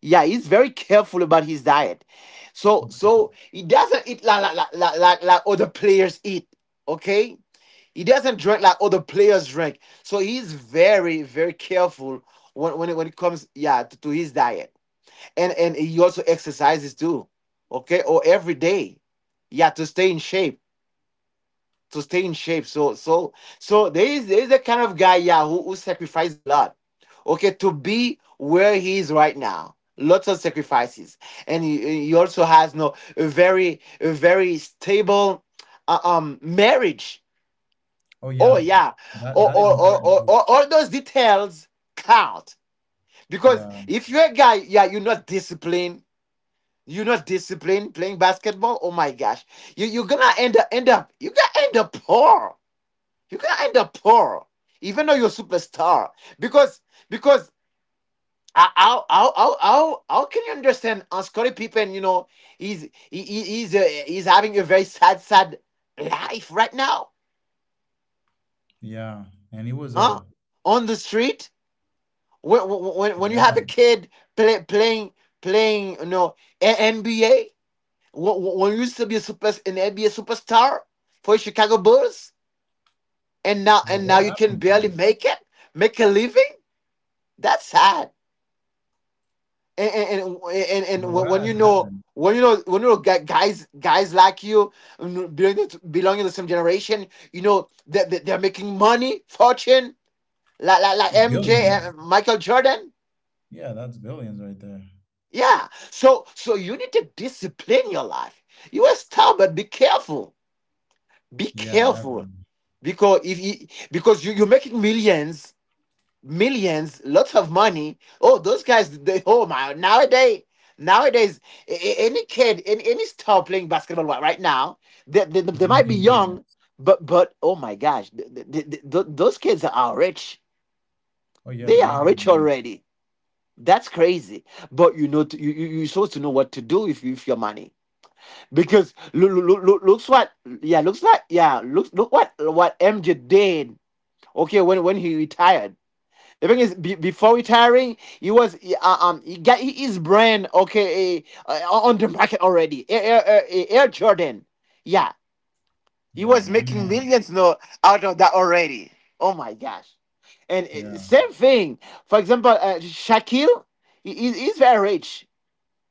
Yeah, he's very careful about his diet. So Okay. He doesn't eat like other players eat. Okay? He doesn't drink like other players drink. So he's very, very careful when, when it comes, yeah, to his diet. And he also exercises too. Okay, or every day. Yeah, to stay in shape, to stay in shape. So, there is, there is a kind of guy, yeah, who sacrifices a lot. Okay, to be where he is right now. Lots of sacrifices. And he also has, no, a very, a very stable, um, marriage. Oh Oh yeah, yeah. that Or that is important too. or all those details count. Because Yeah. if you're a guy, yeah, you're not disciplined. You're not disciplined playing basketball. Oh my gosh. You, you're gonna end up poor, you can end up poor, even though you're a superstar. Because because, how can you understand, Scottie Pippen? You know, he's, he's having a very sad, sad life right now, Yeah. And it was huh? a On the street, when, when you have yeah. a kid playing, playing, you know, NBA, when you used to be a super an NBA superstar for Chicago Bulls, and now, But and now what you can happened barely though? make it, make a living. That's sad. And But and what when, has happened? When you know, guys, guys like you, mm, belonging to, belonging to the same generation, you know that they, they're making money, fortune, like, like MJ Billions. and Michael Jordan. Yeah, that's billions right there. Yeah. So you need to discipline your life. You are star, but be careful. Be Yeah, careful, definitely. because if you, because you, you're making millions, millions, lots of money. Oh, those guys, they, oh my, nowadays, nowadays, any kid, any star playing basketball right now, they, It's they might be making young, billions. But, oh my gosh, th th th th those kids are rich. Oh yeah, They they're are making rich billions. already. That's crazy. But you know, you're supposed to know what to do, if you, with your money. Because yeah, looks like, yeah, looks, look what, MJ did. Okay, when he retired. The thing is, before retiring, he was he got his brand, okay, on the market already. Air Jordan, yeah, he Yeah, was my making man. millions, no, out of that already. Oh my gosh! And Yeah, same thing. For example, Shaquille, he's very rich.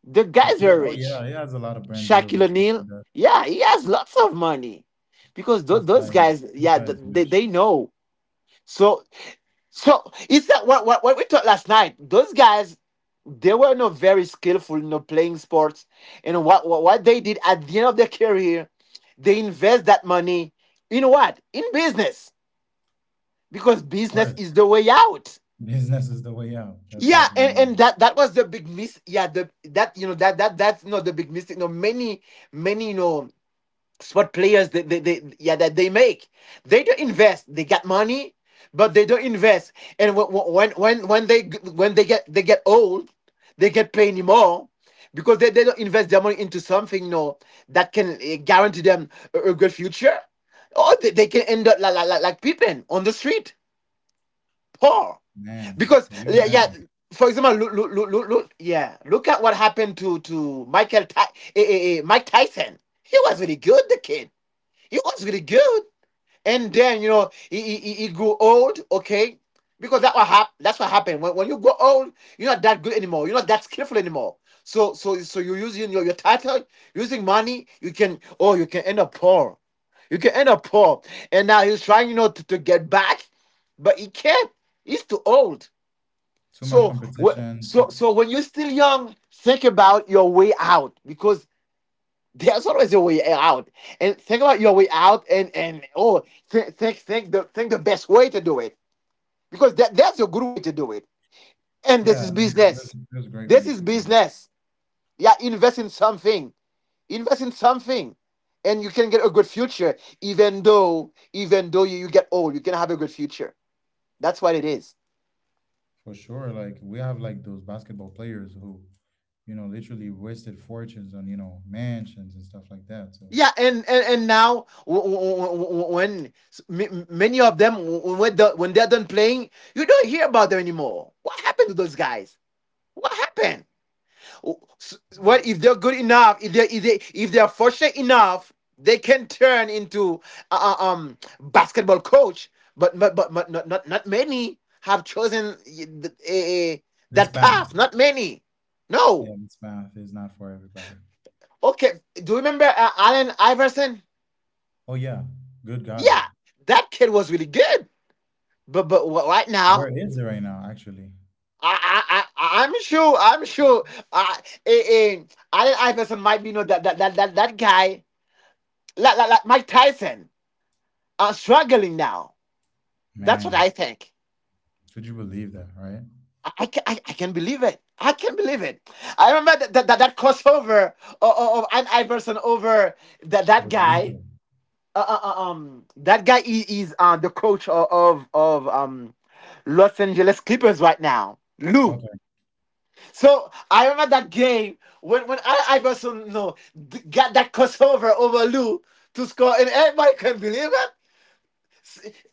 The guy's Shaquille. very Oh yeah, rich. he has a lot of brand deals Shaquille and stuff like O'Neal, that. yeah, he has lots of money because those guys, This yeah, guy th- is they rich. they know. So is that what we talked last night? Those guys, they were not very skillful in the playing sports. And what they did at the end of their career, they invest that money in what? In business. Because Or business is else the way out. business is the way out. That's Yeah, definitely it. and that was the big miss. Yeah, the that you know that that that's not the big mistake. No, many many you know spot players, they, yeah, that they make, they don't invest, they got money, but they don't invest. And when they get they get old, they get paid anymore because they don't invest their money into something, that can guarantee them a good future. Or they can end up like people on the street, poor. Man, Because can you yeah, yeah, imagine? for example look, yeah, look at what happened to Mike Tyson. He was really good, the kid, it was really good. And then, he grew old, okay? Because that's what happened. When you grow old, you're not that good anymore. You're not that skillful anymore. So you're using your title, using money, you can, you can end up poor. You can end up poor. And now he's trying, to get back, but he can't. He's too old. Too much So competition, too when you're still young, think about your way out, because there's always a way out. And think about your way out, and think the best way to do it, because that's a good way to do it. And this yeah, is business. there's a great way This to is do it. business. Yeah, invest in something. Invest in something, and you can get a good future. Even though you get old, you can have a good future. That's what it is. For sure. Like we have like those basketball players who, literally wasted fortunes on, mansions and stuff like that. So Yeah, and now, w- w- w- when s- m- many of them w- when the, when they're done playing, you don't hear about them anymore. What happened to those guys? What happened? Oh, what if they're good enough? If they if they if they're fortunate enough, they can turn into basketball coach. But not many have chosen, eh, eh, this that path. path. Not many. No. Yeah, this path is not for everybody. Okay. Do you remember Allen Iverson? Oh yeah. Good guy. Yeah, that kid was really good. But right Where now, is it right now, actually? I'm sure, I'm sure. Uh, eh, eh, Allen Iverson might be, that guy, like Mike Tyson, are struggling now. That's what Man, I think. could you believe that, right? I can believe it. I can believe it. I remember that crossover of, An Iverson over that Was guy. lethal. That guy, is, the coach of Los Angeles Clippers right now, Lou. Okay. So I remember that game when Allen Iverson, no, got that crossover over Lou to score, and everybody can believe it.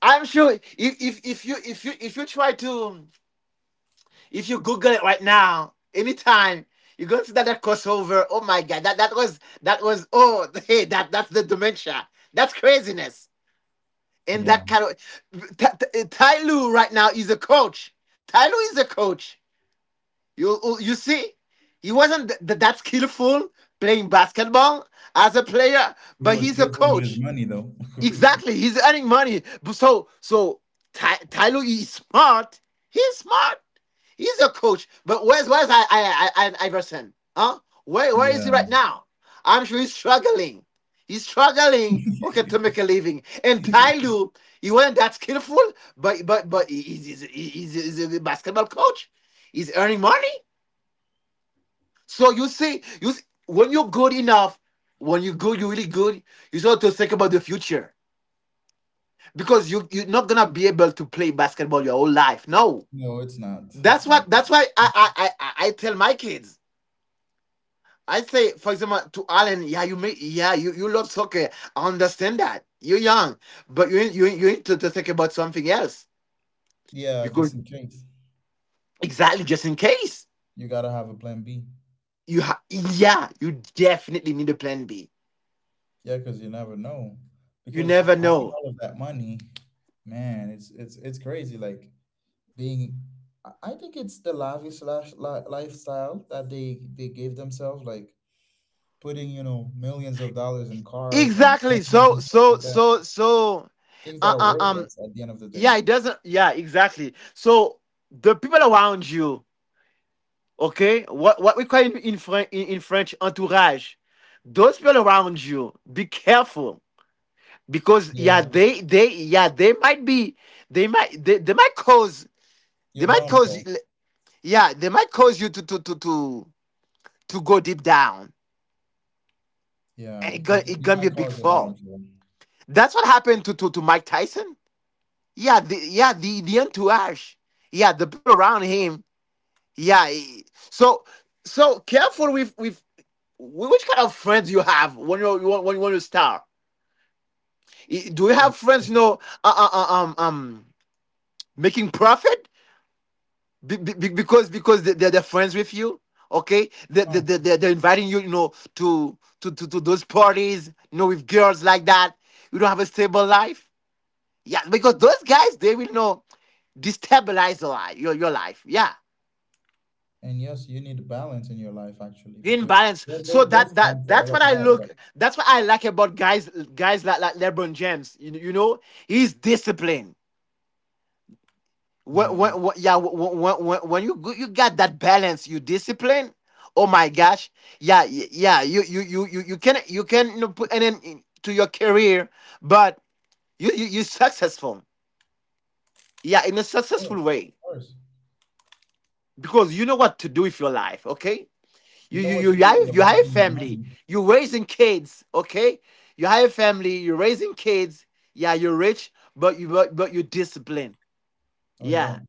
I'm sure if you try to if you Google it right now, anytime you go to that crossover, oh my god, that was, oh hey that's the dementia, that's craziness, and Yeah. that kind of Lue right now is a coach. Ty Lue is a coach. You see, he wasn't that skillful playing basketball as a player, He but was he's a skillful with his coach. money, though. Exactly, he's earning money. So Ty, Lue is smart. He's smart. He's a coach. But where's I Iverson? Huh? Where is he Yeah. right now? I'm sure he's struggling. He's struggling. Okay, to make a living. And Ty Lue, he wasn't that skillful, but he's a basketball coach. He's earning money. So you see, when you're good enough, when you're good, you're really good. You start to think about the future, because you're not gonna be able to play basketball your whole life. No, No, it's not. It's not that's why possible. I tell my kids. I say, for example, to Alan, yeah, you may, yeah, you love soccer. I understand that you're young, but you need to think about something else Yeah, just because, in case. exactly, just in case. You gotta have a plan B. You ha- yeah you definitely need a plan B. Yeah, because you never know. You Because never having know, all of that money, man, it's crazy. Like being, I think it's the lavish slash lifestyle that they gave themselves. Like putting you know millions of dollars in cars and exactly. mansions So and stuff like that. Things that uh, are uh um worthless at the end of the day. yeah, it doesn't, yeah, exactly. So the people around you, okay, what we call in, in French, entourage. Those people around you, be careful because, yeah, Yeah, they, yeah, they might be, they might cause, they your might cause downfall. yeah they might cause you to go deep down, Yeah, and they could, it you gonna be a might big cause your fall. downfall. That's what happened to to Mike Tyson. Yeah, yeah, the entourage. Yeah, the people around him. Yeah, so, careful with which kind of friends you have when you want to start? Do you Oh, have of friends, course. Uh, uh, uh, um, um, making profit, because they- are they're friends with you? Okay, Huh. They're inviting you, to those parties, with girls like that. You don't have a stable life, yeah, because those guys, they will, destabilize your li- your life, yeah. And yes, you need balance in your life actually, Green because balance. So there's time for that's all what of I that, but look. That's what I like about guys guys like LeBron James. You know, he's disciplined. yeah, it's When yeah when you got that balance, you discipline. Oh my gosh, yeah, yeah. You can, you know, put an end to your career, but you successful. Yeah, in a important, successful of way, course. because you know what to do with your life. Okay. You know what you You do have, with your you life have a and your family. money. You're raising kids, okay? You have a family. You're raising kids. Yeah, you're rich, but but you're disciplined. Oh yeah, Yeah,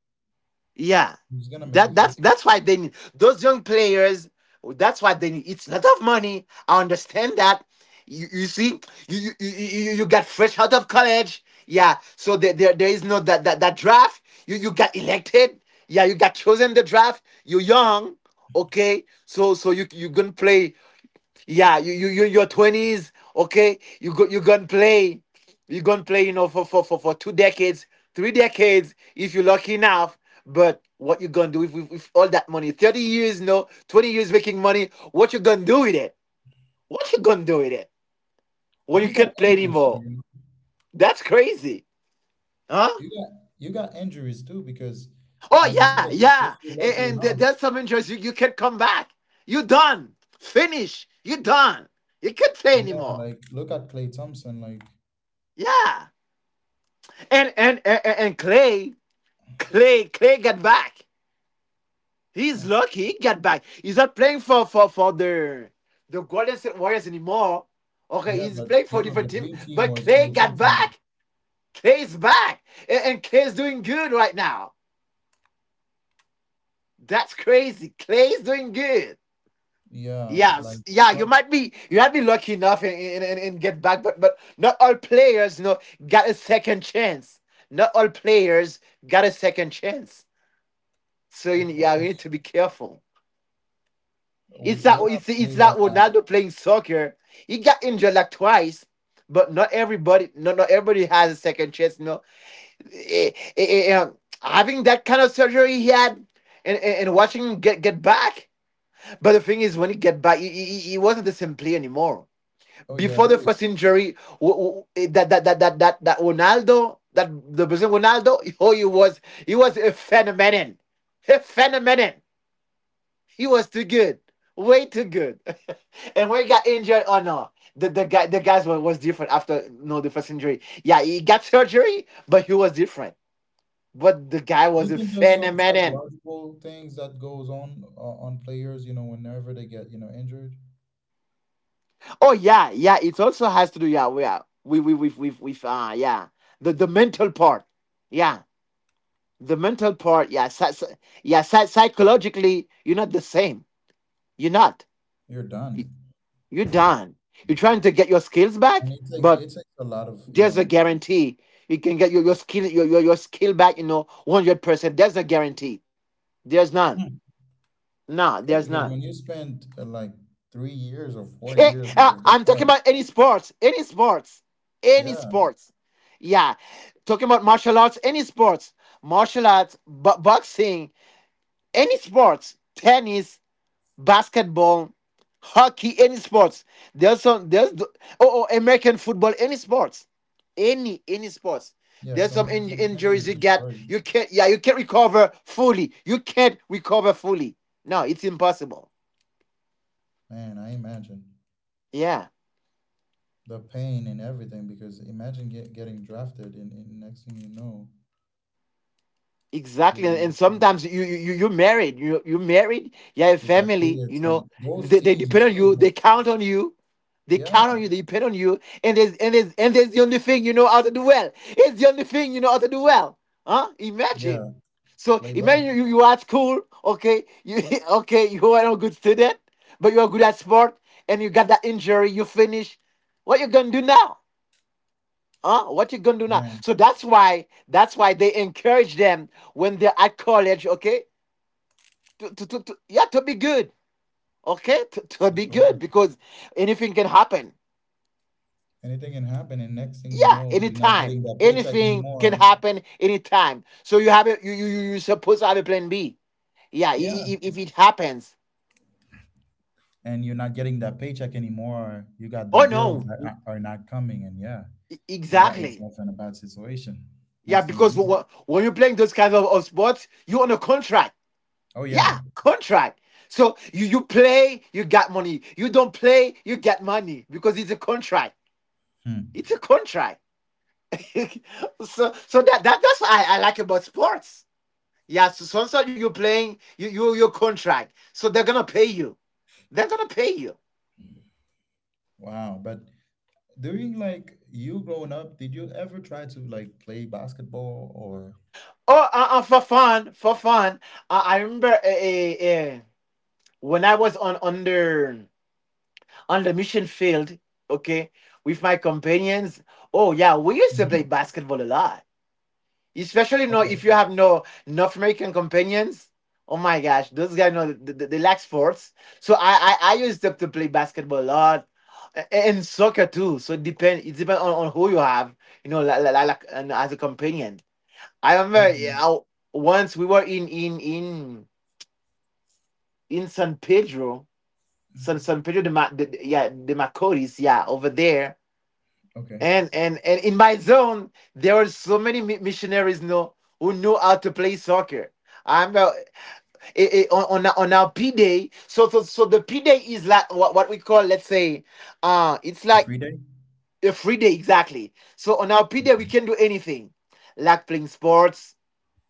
yeah. it's gonna make a That's difference. Why they need those young players. That's why they need. It's a lot of money. I understand that. You see, you got fresh out of college. Yeah, so there is no that draft. You got elected. Yeah, you got chosen the draft. You're young, okay, so you gonna play, yeah, your twenties, okay? You gonna play, for 2 decades, 3 decades, if you're lucky enough. But what you gonna do with, with all that money? 30 years, no, 20 years making money. What you gonna do with it? What you gonna do with it when And you you got can't play injuries too, anymore? you know. That's crazy, huh? You got you got injuries too because, Oh as you yeah, said, if yeah. you're And, lucky enough, there's some injuries you, can't come back. You done, finish. You done. You can't play yeah, anymore. like look at Clay Thompson, like Yeah. And Clay got back. huh, He's lucky he got back. He's not playing for the Golden State Warriors anymore. Okay, yeah, he's but playing you for a know the different team. dream team But was Clay Clay got Thompson. back. Clay's back, and, Clay's doing good right now. That's crazy. Clay's doing good. Yeah, like Yes, yeah, tor- you might be lucky enough, and, get back, but not all players, got a second chance. Not all players got a second chance. So you, of yeah, we need course. to be careful. It's that We have to lay that out. Ronaldo playing soccer. He got injured like twice, but not everybody has a second chance. No, having that kind of surgery he had, and, watching him get back. But the thing is, when he get back, he wasn't the same player anymore. Oh yeah, Before it the was. first injury, that Ronaldo, that the Brazilian Ronaldo, oh, he was a phenomenon, a phenomenon. He was too good. Way too good. And when he got injured, oh no. The guys was different after you no know, the first injury. Yeah, he got surgery, but he was different. But the guy Do was you a think there's some phenomenon. psychological things that goes on players? You know, whenever they get you know injured, Oh yeah, yeah, it also has to do, yeah, we are we with yeah. The mental part. Yeah. The mental part, yeah, yeah, psychologically, you're not the same. You're not. you're done, You're done. You're trying to get your skills and back, it take but. it takes a lot of you There's a know. guarantee. You can get your skill back, you know, 100%. There's a guarantee. There's none. Hmm. Nah, Yeah, there's because none. when you spend like 3 years or four Eh, years out of the I'm talking park, about any sports. Any sports. Any yeah, sports. Yeah. Talking about martial arts, any sports. Martial arts, boxing, any sports. Tennis, basketball, hockey, any sports. There's some there's the- oh, oh American football, any sports, any sports. yeah, There's some some injuries you injuries are get. starting. You can't recover fully. You can't recover fully. No, it's impossible. Man, I imagine Yeah. the pain and everything because imagine getting drafted and next thing you know, Exactly, and you you sometimes you're married. You're married. You have a you got family. You kids know and those they depend teams on you. too. They count on you. They Yeah, count on you. They depend on you. And there's the only thing you know how to do well. It's the only thing you know how to do well. Huh? Imagine. yeah, So play ball. imagine you, you are at school. Okay, you okay you are not a good student, but you are good at sport, and you got that injury. You finish. What you gonna do now? Huh? What you gonna do now? Man. So that's why they encourage them when they're at college, okay? To be good. Okay? To For be sure. good because anything can happen. Anything can happen, and next thing you Yeah, know, you're not anytime. getting that paycheck Anything can anymore. happen anytime. So you have a you're supposed to have a plan B. Yeah, Yeah, if it happens. and you're not getting that paycheck anymore. You got the Oh deals no. that are not coming, and yeah, you got Exactly. yourself in a bad situation. Yeah, Next thing you because know. When you're playing those kinds of sports, you're on a contract. Oh yeah. Yeah, contract. So you play, you got money. You don't play, you get money because it's a contract. It's Hmm. a contract. so so that's what I like about sports. Yeah, so sometimes you playing, you your contract. So they're gonna pay you. They're gonna pay you. Wow. But during like you growing up, did you ever try to like play basketball or? Oh, for fun, for fun. I remember uh, when I was on under on the mission field. Okay, with my companions. Oh yeah, we used to play Hmm. basketball a lot. Especially no, Okay. if you have no North American companions. Oh my gosh, those guys know they lack sports. So I I used to play basketball a lot and soccer too. So it depends on who you have, you know, like and as a companion. I remember Okay. yeah, once we were in San Pedro, San Pedro de Ma, de, de- yeah, de Macorís, yeah, over there. Okay. And in my zone, there were so many missionaries know who know how to play soccer. I'm on our P day. So the P day is like what we call, let's say, it's A like free day. a free day exactly. So on our P day we Okay. can do anything, like playing sports,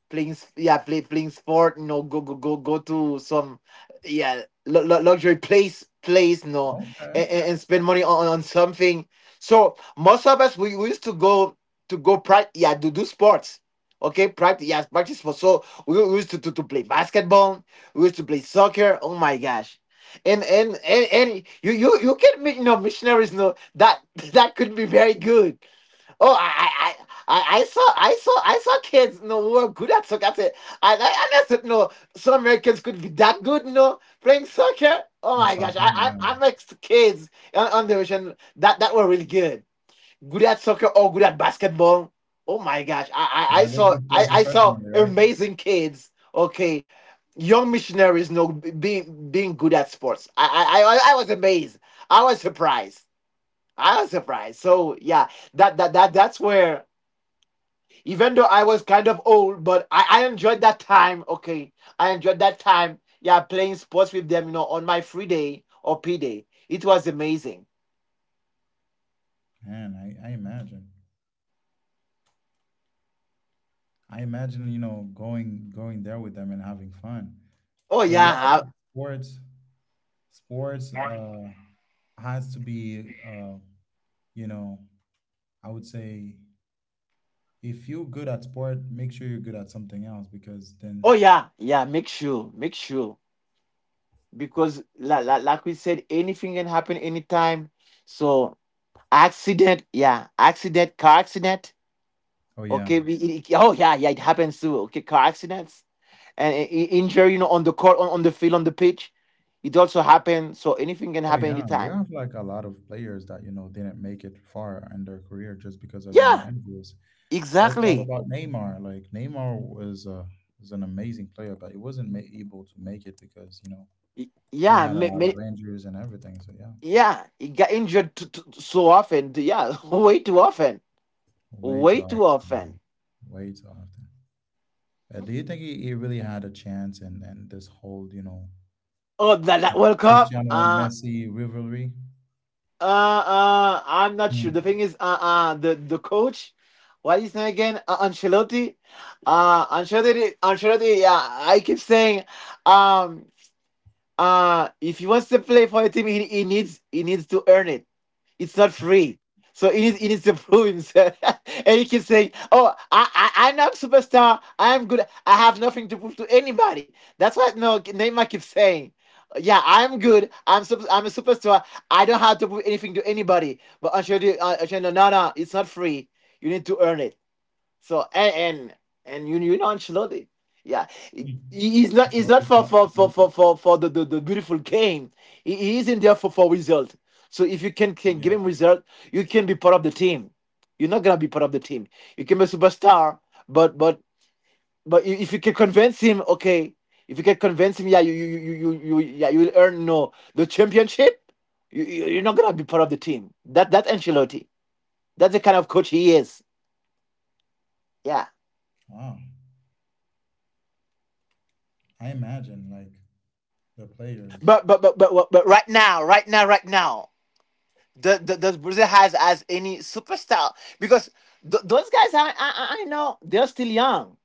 playing s- yeah play, playing sport you know go to some yeah luxury place you know, Okay. and spend money on something. So most of us we used to go practice yeah to do sports. Okay, practice yeah practice sports. So we used to play basketball. We used to play soccer, oh my gosh. And and, you can meet you know missionaries you know that that could be very good. Oh, I saw kids. No, who were good at soccer. I said, I said, no, some Americans could be that good. No, playing soccer. Oh Not my gosh, soccer. Yeah. I met kids on the ocean that that were really good, good at soccer or good at basketball. Oh my gosh, I That they saw, could play I saw professionally, right? amazing kids. Okay, young missionaries. No, being good at sports. I was amazed. I was surprised. I was surprised. So yeah, that's where even though I was kind of old, but I enjoyed that time. Okay, I enjoyed that time. Yeah, playing sports with them. You know, on my free day or P day, it was amazing. Man, I imagine. I imagine, you know, going going there with them and having fun. Oh So yeah, yeah, I I- think sports sports has to be you know, I would say if you're good at sport, make sure you're good at something else because oh then yeah, yeah. Make sure, because like we said, anything can happen anytime. So accident, yeah, accident, car accident. oh yeah. Okay, oh yeah, yeah, it happens too. Okay, car accidents and injury, you know, on the court, on the field, on the pitch. It also happens. So anything can Oh happen yeah, we anytime. have like a lot of players that you know didn't make it far in their career just because of you know Yeah, injuries. Let's talk exactly. about Neymar. Like Neymar was a was an amazing player, but he wasn't able to make it because you know Y- he Yeah, had a ma- lot ma- of injuries and everything. So yeah, yeah, he got injured so often. Yeah, way too often, way way too too often, man. often. Way too often. Do you think he really had a chance in this whole you know Oh, that that World Cup. Cristiano and Messi rivalry? I'm not sure. The Hmm. thing is, the coach, what is his name again? Ancelotti. Ancelotti. Ancelotti. Yeah, I keep saying, um, if he wants to play for a team he needs to earn it. It's not free. So he needs to prove himself. And he keeps saying oh I I'm not superstar, I'm good. I have nothing to prove to anybody, that's what no Neymar keeps saying. Yeah, I'm good, I'm a superstar, I don't have to prove anything to anybody. But Ancelotti, Ancelotti, no no no, it's not free, you need to earn it. So and you know Ancelotti, yeah, Hmm. He's Ancelotti's not not. for the beautiful game. He is in there for result. So if you can give Yeah. him result, you can be part of the team. You're not gonna be part of the team. You can be a superstar, but but if you can convince him, okay. If you can convince him, yeah, you yeah, you will earn no the championship. You're not gonna be part of the team. That that Ancelotti. That's the kind of coach he is. Yeah. Wow. I imagine like the players. But right now, right now, does Brazil has as any superstar? Because those guys, I I know they're still young.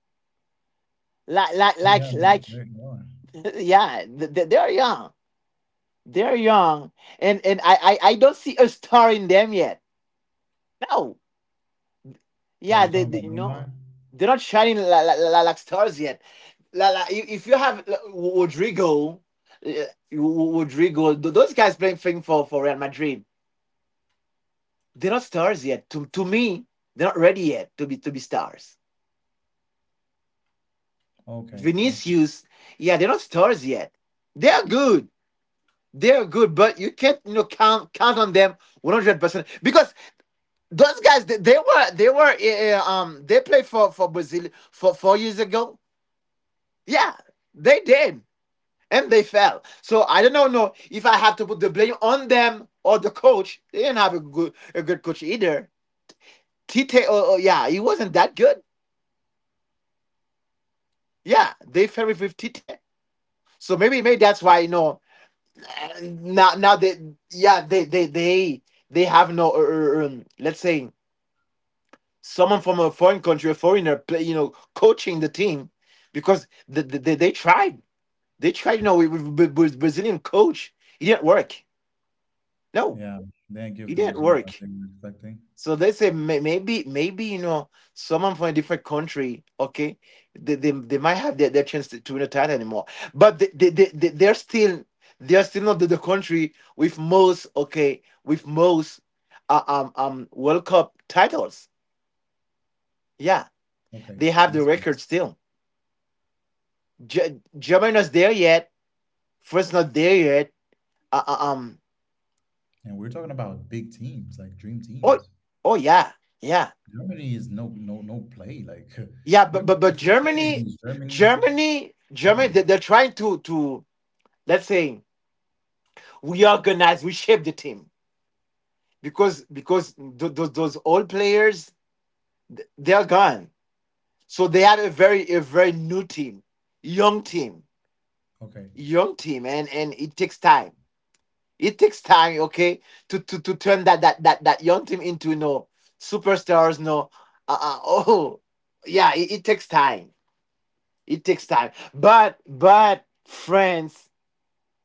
Oh yeah, Like, they are. yeah, they're young. They're young, and I don't see a star in them yet. No, Oh, yeah, you're talking they about you know Neymar? they're not shining like stars yet. If you have like, Rodrigo, uh, Rodrigo, those guys playing for Real Madrid. They're not stars yet. To me, they're not ready yet to be stars. Okay, I see. Vinicius, yeah, they're not stars yet. They are good. They are good, but you can't you know count on them 100% because those guys they were they played for Brazil for 4 years ago. Yeah, they did and they fell. So I don't know no if I have to put the blame on them or the coach. They didn't have a good coach either. Tite, oh, oh yeah, he wasn't that good. Yeah, they ferry with Tite. So maybe maybe that's why you know now now they yeah they have no let's say someone from a foreign country, a foreigner play, you know coaching the team because they tried, they tried you know with Brazilian coach it didn't work no Yeah, they give it the didn't result that work. they were expecting. So they say maybe maybe you know someone from a different country, okay, they might have their chance to win a title anymore, but they're still not the country with most, okay, with most World Cup titles. Yeah, Okay, they have the awesome. record still. Germany not there yet. France not there yet. Uh, uh, um And we're talking about big teams, like dream oh, teams. oh yeah, yeah, Germany is no no no play. Like yeah, but if you're playing Germany, against Germany, Germany brother. they, they're trying to let's say we organize, we shape the team because those old players they are gone. So they have a very new team, young team, Okay. young team, and it takes time. It takes time, okay, to turn that young team into superstars. No, oh yeah, it takes time. It takes time, but France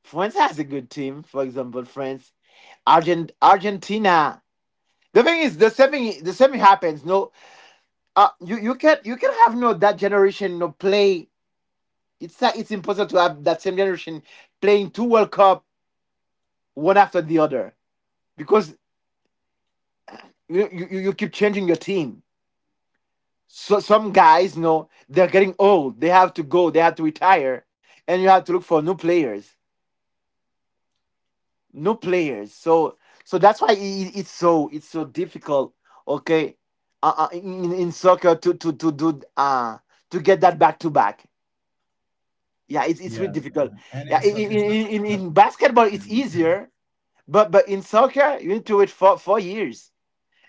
France has a good team. For example, France, Argentina. The thing is, the semi happens. No, you can you can have no that generation no play. It's not, it's impossible to have that same generation playing two World Cup one after the other because you keep changing your team. So some guys, no, they're getting old. They have to go. They have to retire, and you have to look for new players, new players. So that's why I it's so difficult. Okay, in soccer to do to get that back to back. Yeah, it's really Yeah. difficult. And Yeah, in in, it's not in, in something that you in play every basketball it's single year. easier, but in soccer you need to wait for 4 years,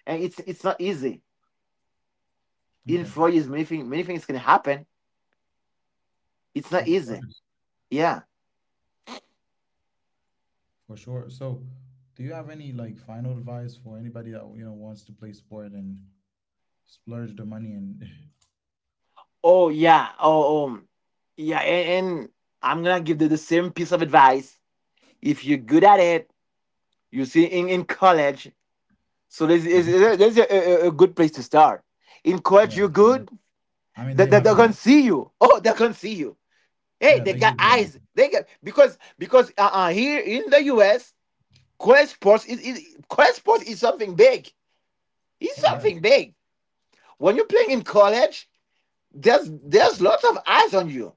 and it's not easy. In Okay. 4 years, many things can happen. It's not Of easy. course. Yeah. For sure. So do you have any like final advice for anybody that you know wants to play sport and splurge the money and Oh yeah. Oh yeah. And I'm gonna give the same piece of advice. If you're good at it, you see in college. So this is Mhm. there's a good place to start. In college, Yeah, you're convert- good. I mean That they have they're gonna the see you. Oh, they're gonna see you. Hey, yeah, they they got give the eyes. They got because here in the US, is Quest Sports is something big. It's oh yeah. something big. When you're playing in college, there's Okay. lots of eyes on you.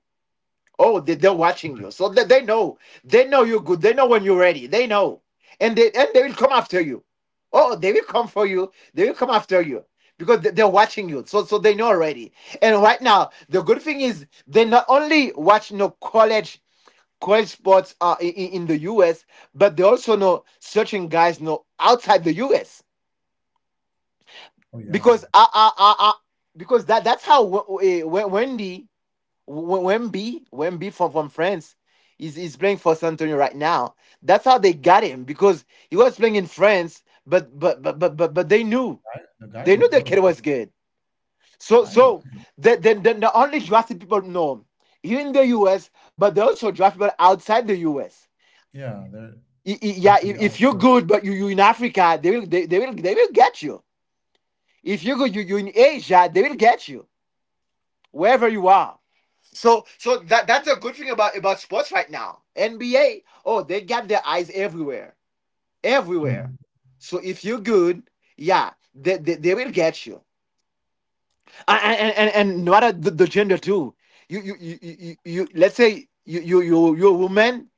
Oh, they're watching you, so they know you're good. They know when you're ready. They know, and they will come after you. Oh, they will come for you. They will come after you because they're watching you. So they know already. And right now, the good thing is they not only watch no college great sports are in the US, but they also know certain guys know outside the US Oh yeah, because I because that that's how W- W- Wendy Wemby from France is playing for San Antonio right now. That's how they got him because he was playing in France, but but the guy they is a knew the kid prototype. was good. The So guy is a so prototype. then the, the only drafted people know here in the US, but they also draft people outside the US. Yeah, they're Yeah, literally if you're outsourcing. good, but you in Africa, they will get you. If you're good, you in Asia, they will get you wherever you are. So that's a good thing about sports right now. NBA, oh, they got their eyes everywhere, everywhere. Hmm. So if you're good, yeah, they will get you. And and no matter the gender too. You let's say you're a woman.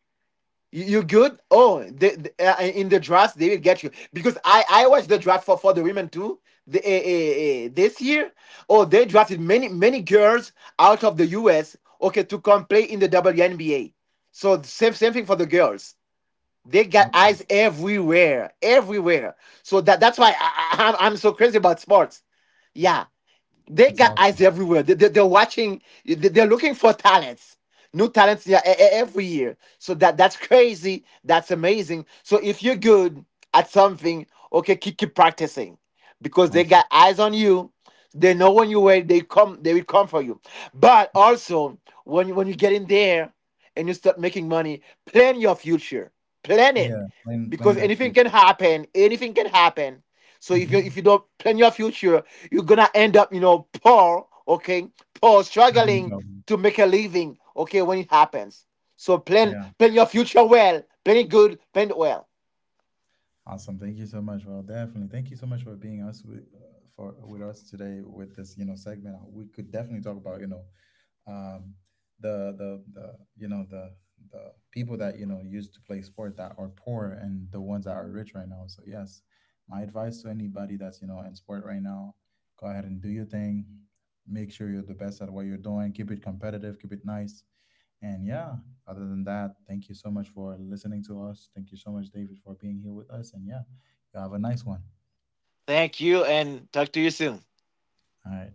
You good? Oh, in the draft they will get you because I watched the draft for the women too. The, eh, eh, eh, this year, oh, they drafted many girls out of the U.S. Okay, to come play in the WNBA. So same thing for the girls. They got Okay, eyes everywhere, everywhere. So that's why I'm so crazy about sports. Yeah, they that's got eyes awesome. everywhere. Are watching. They're looking for talents, new talents, yeah, every year. So that's crazy. That's amazing. So if you're good at something, okay, keep practicing, because they Awesome. got eyes on you. They know when you wait. They come. They will come for you. But also when you get in there and you start making money, plan your future. Plan it, Yeah, plan plan because that anything can future. happen. Anything can happen, so if Hmm. you don't plan your future, you're gonna end up, you know, poor, okay, poor, Having struggling job. to make a living, okay, when it happens. So Yeah, plan your future well, plan it good, plan it well. awesome. Thank you so much. Well, definitely. Thank you so much for being us with for with us today with this you know segment. We could definitely talk about you know um, the you know the people that you know used to play sport that are poor and the ones that are rich right now. So yes, my advice to anybody that's you know in sport right now, go ahead and do your thing. Make sure you're the best at what you're doing. Keep it competitive. Keep it nice. And yeah, other than that, thank you so much for listening to us. Thank you so much, David, for being here with us. And yeah, you have a nice one. Thank you, and talk to you soon. All right.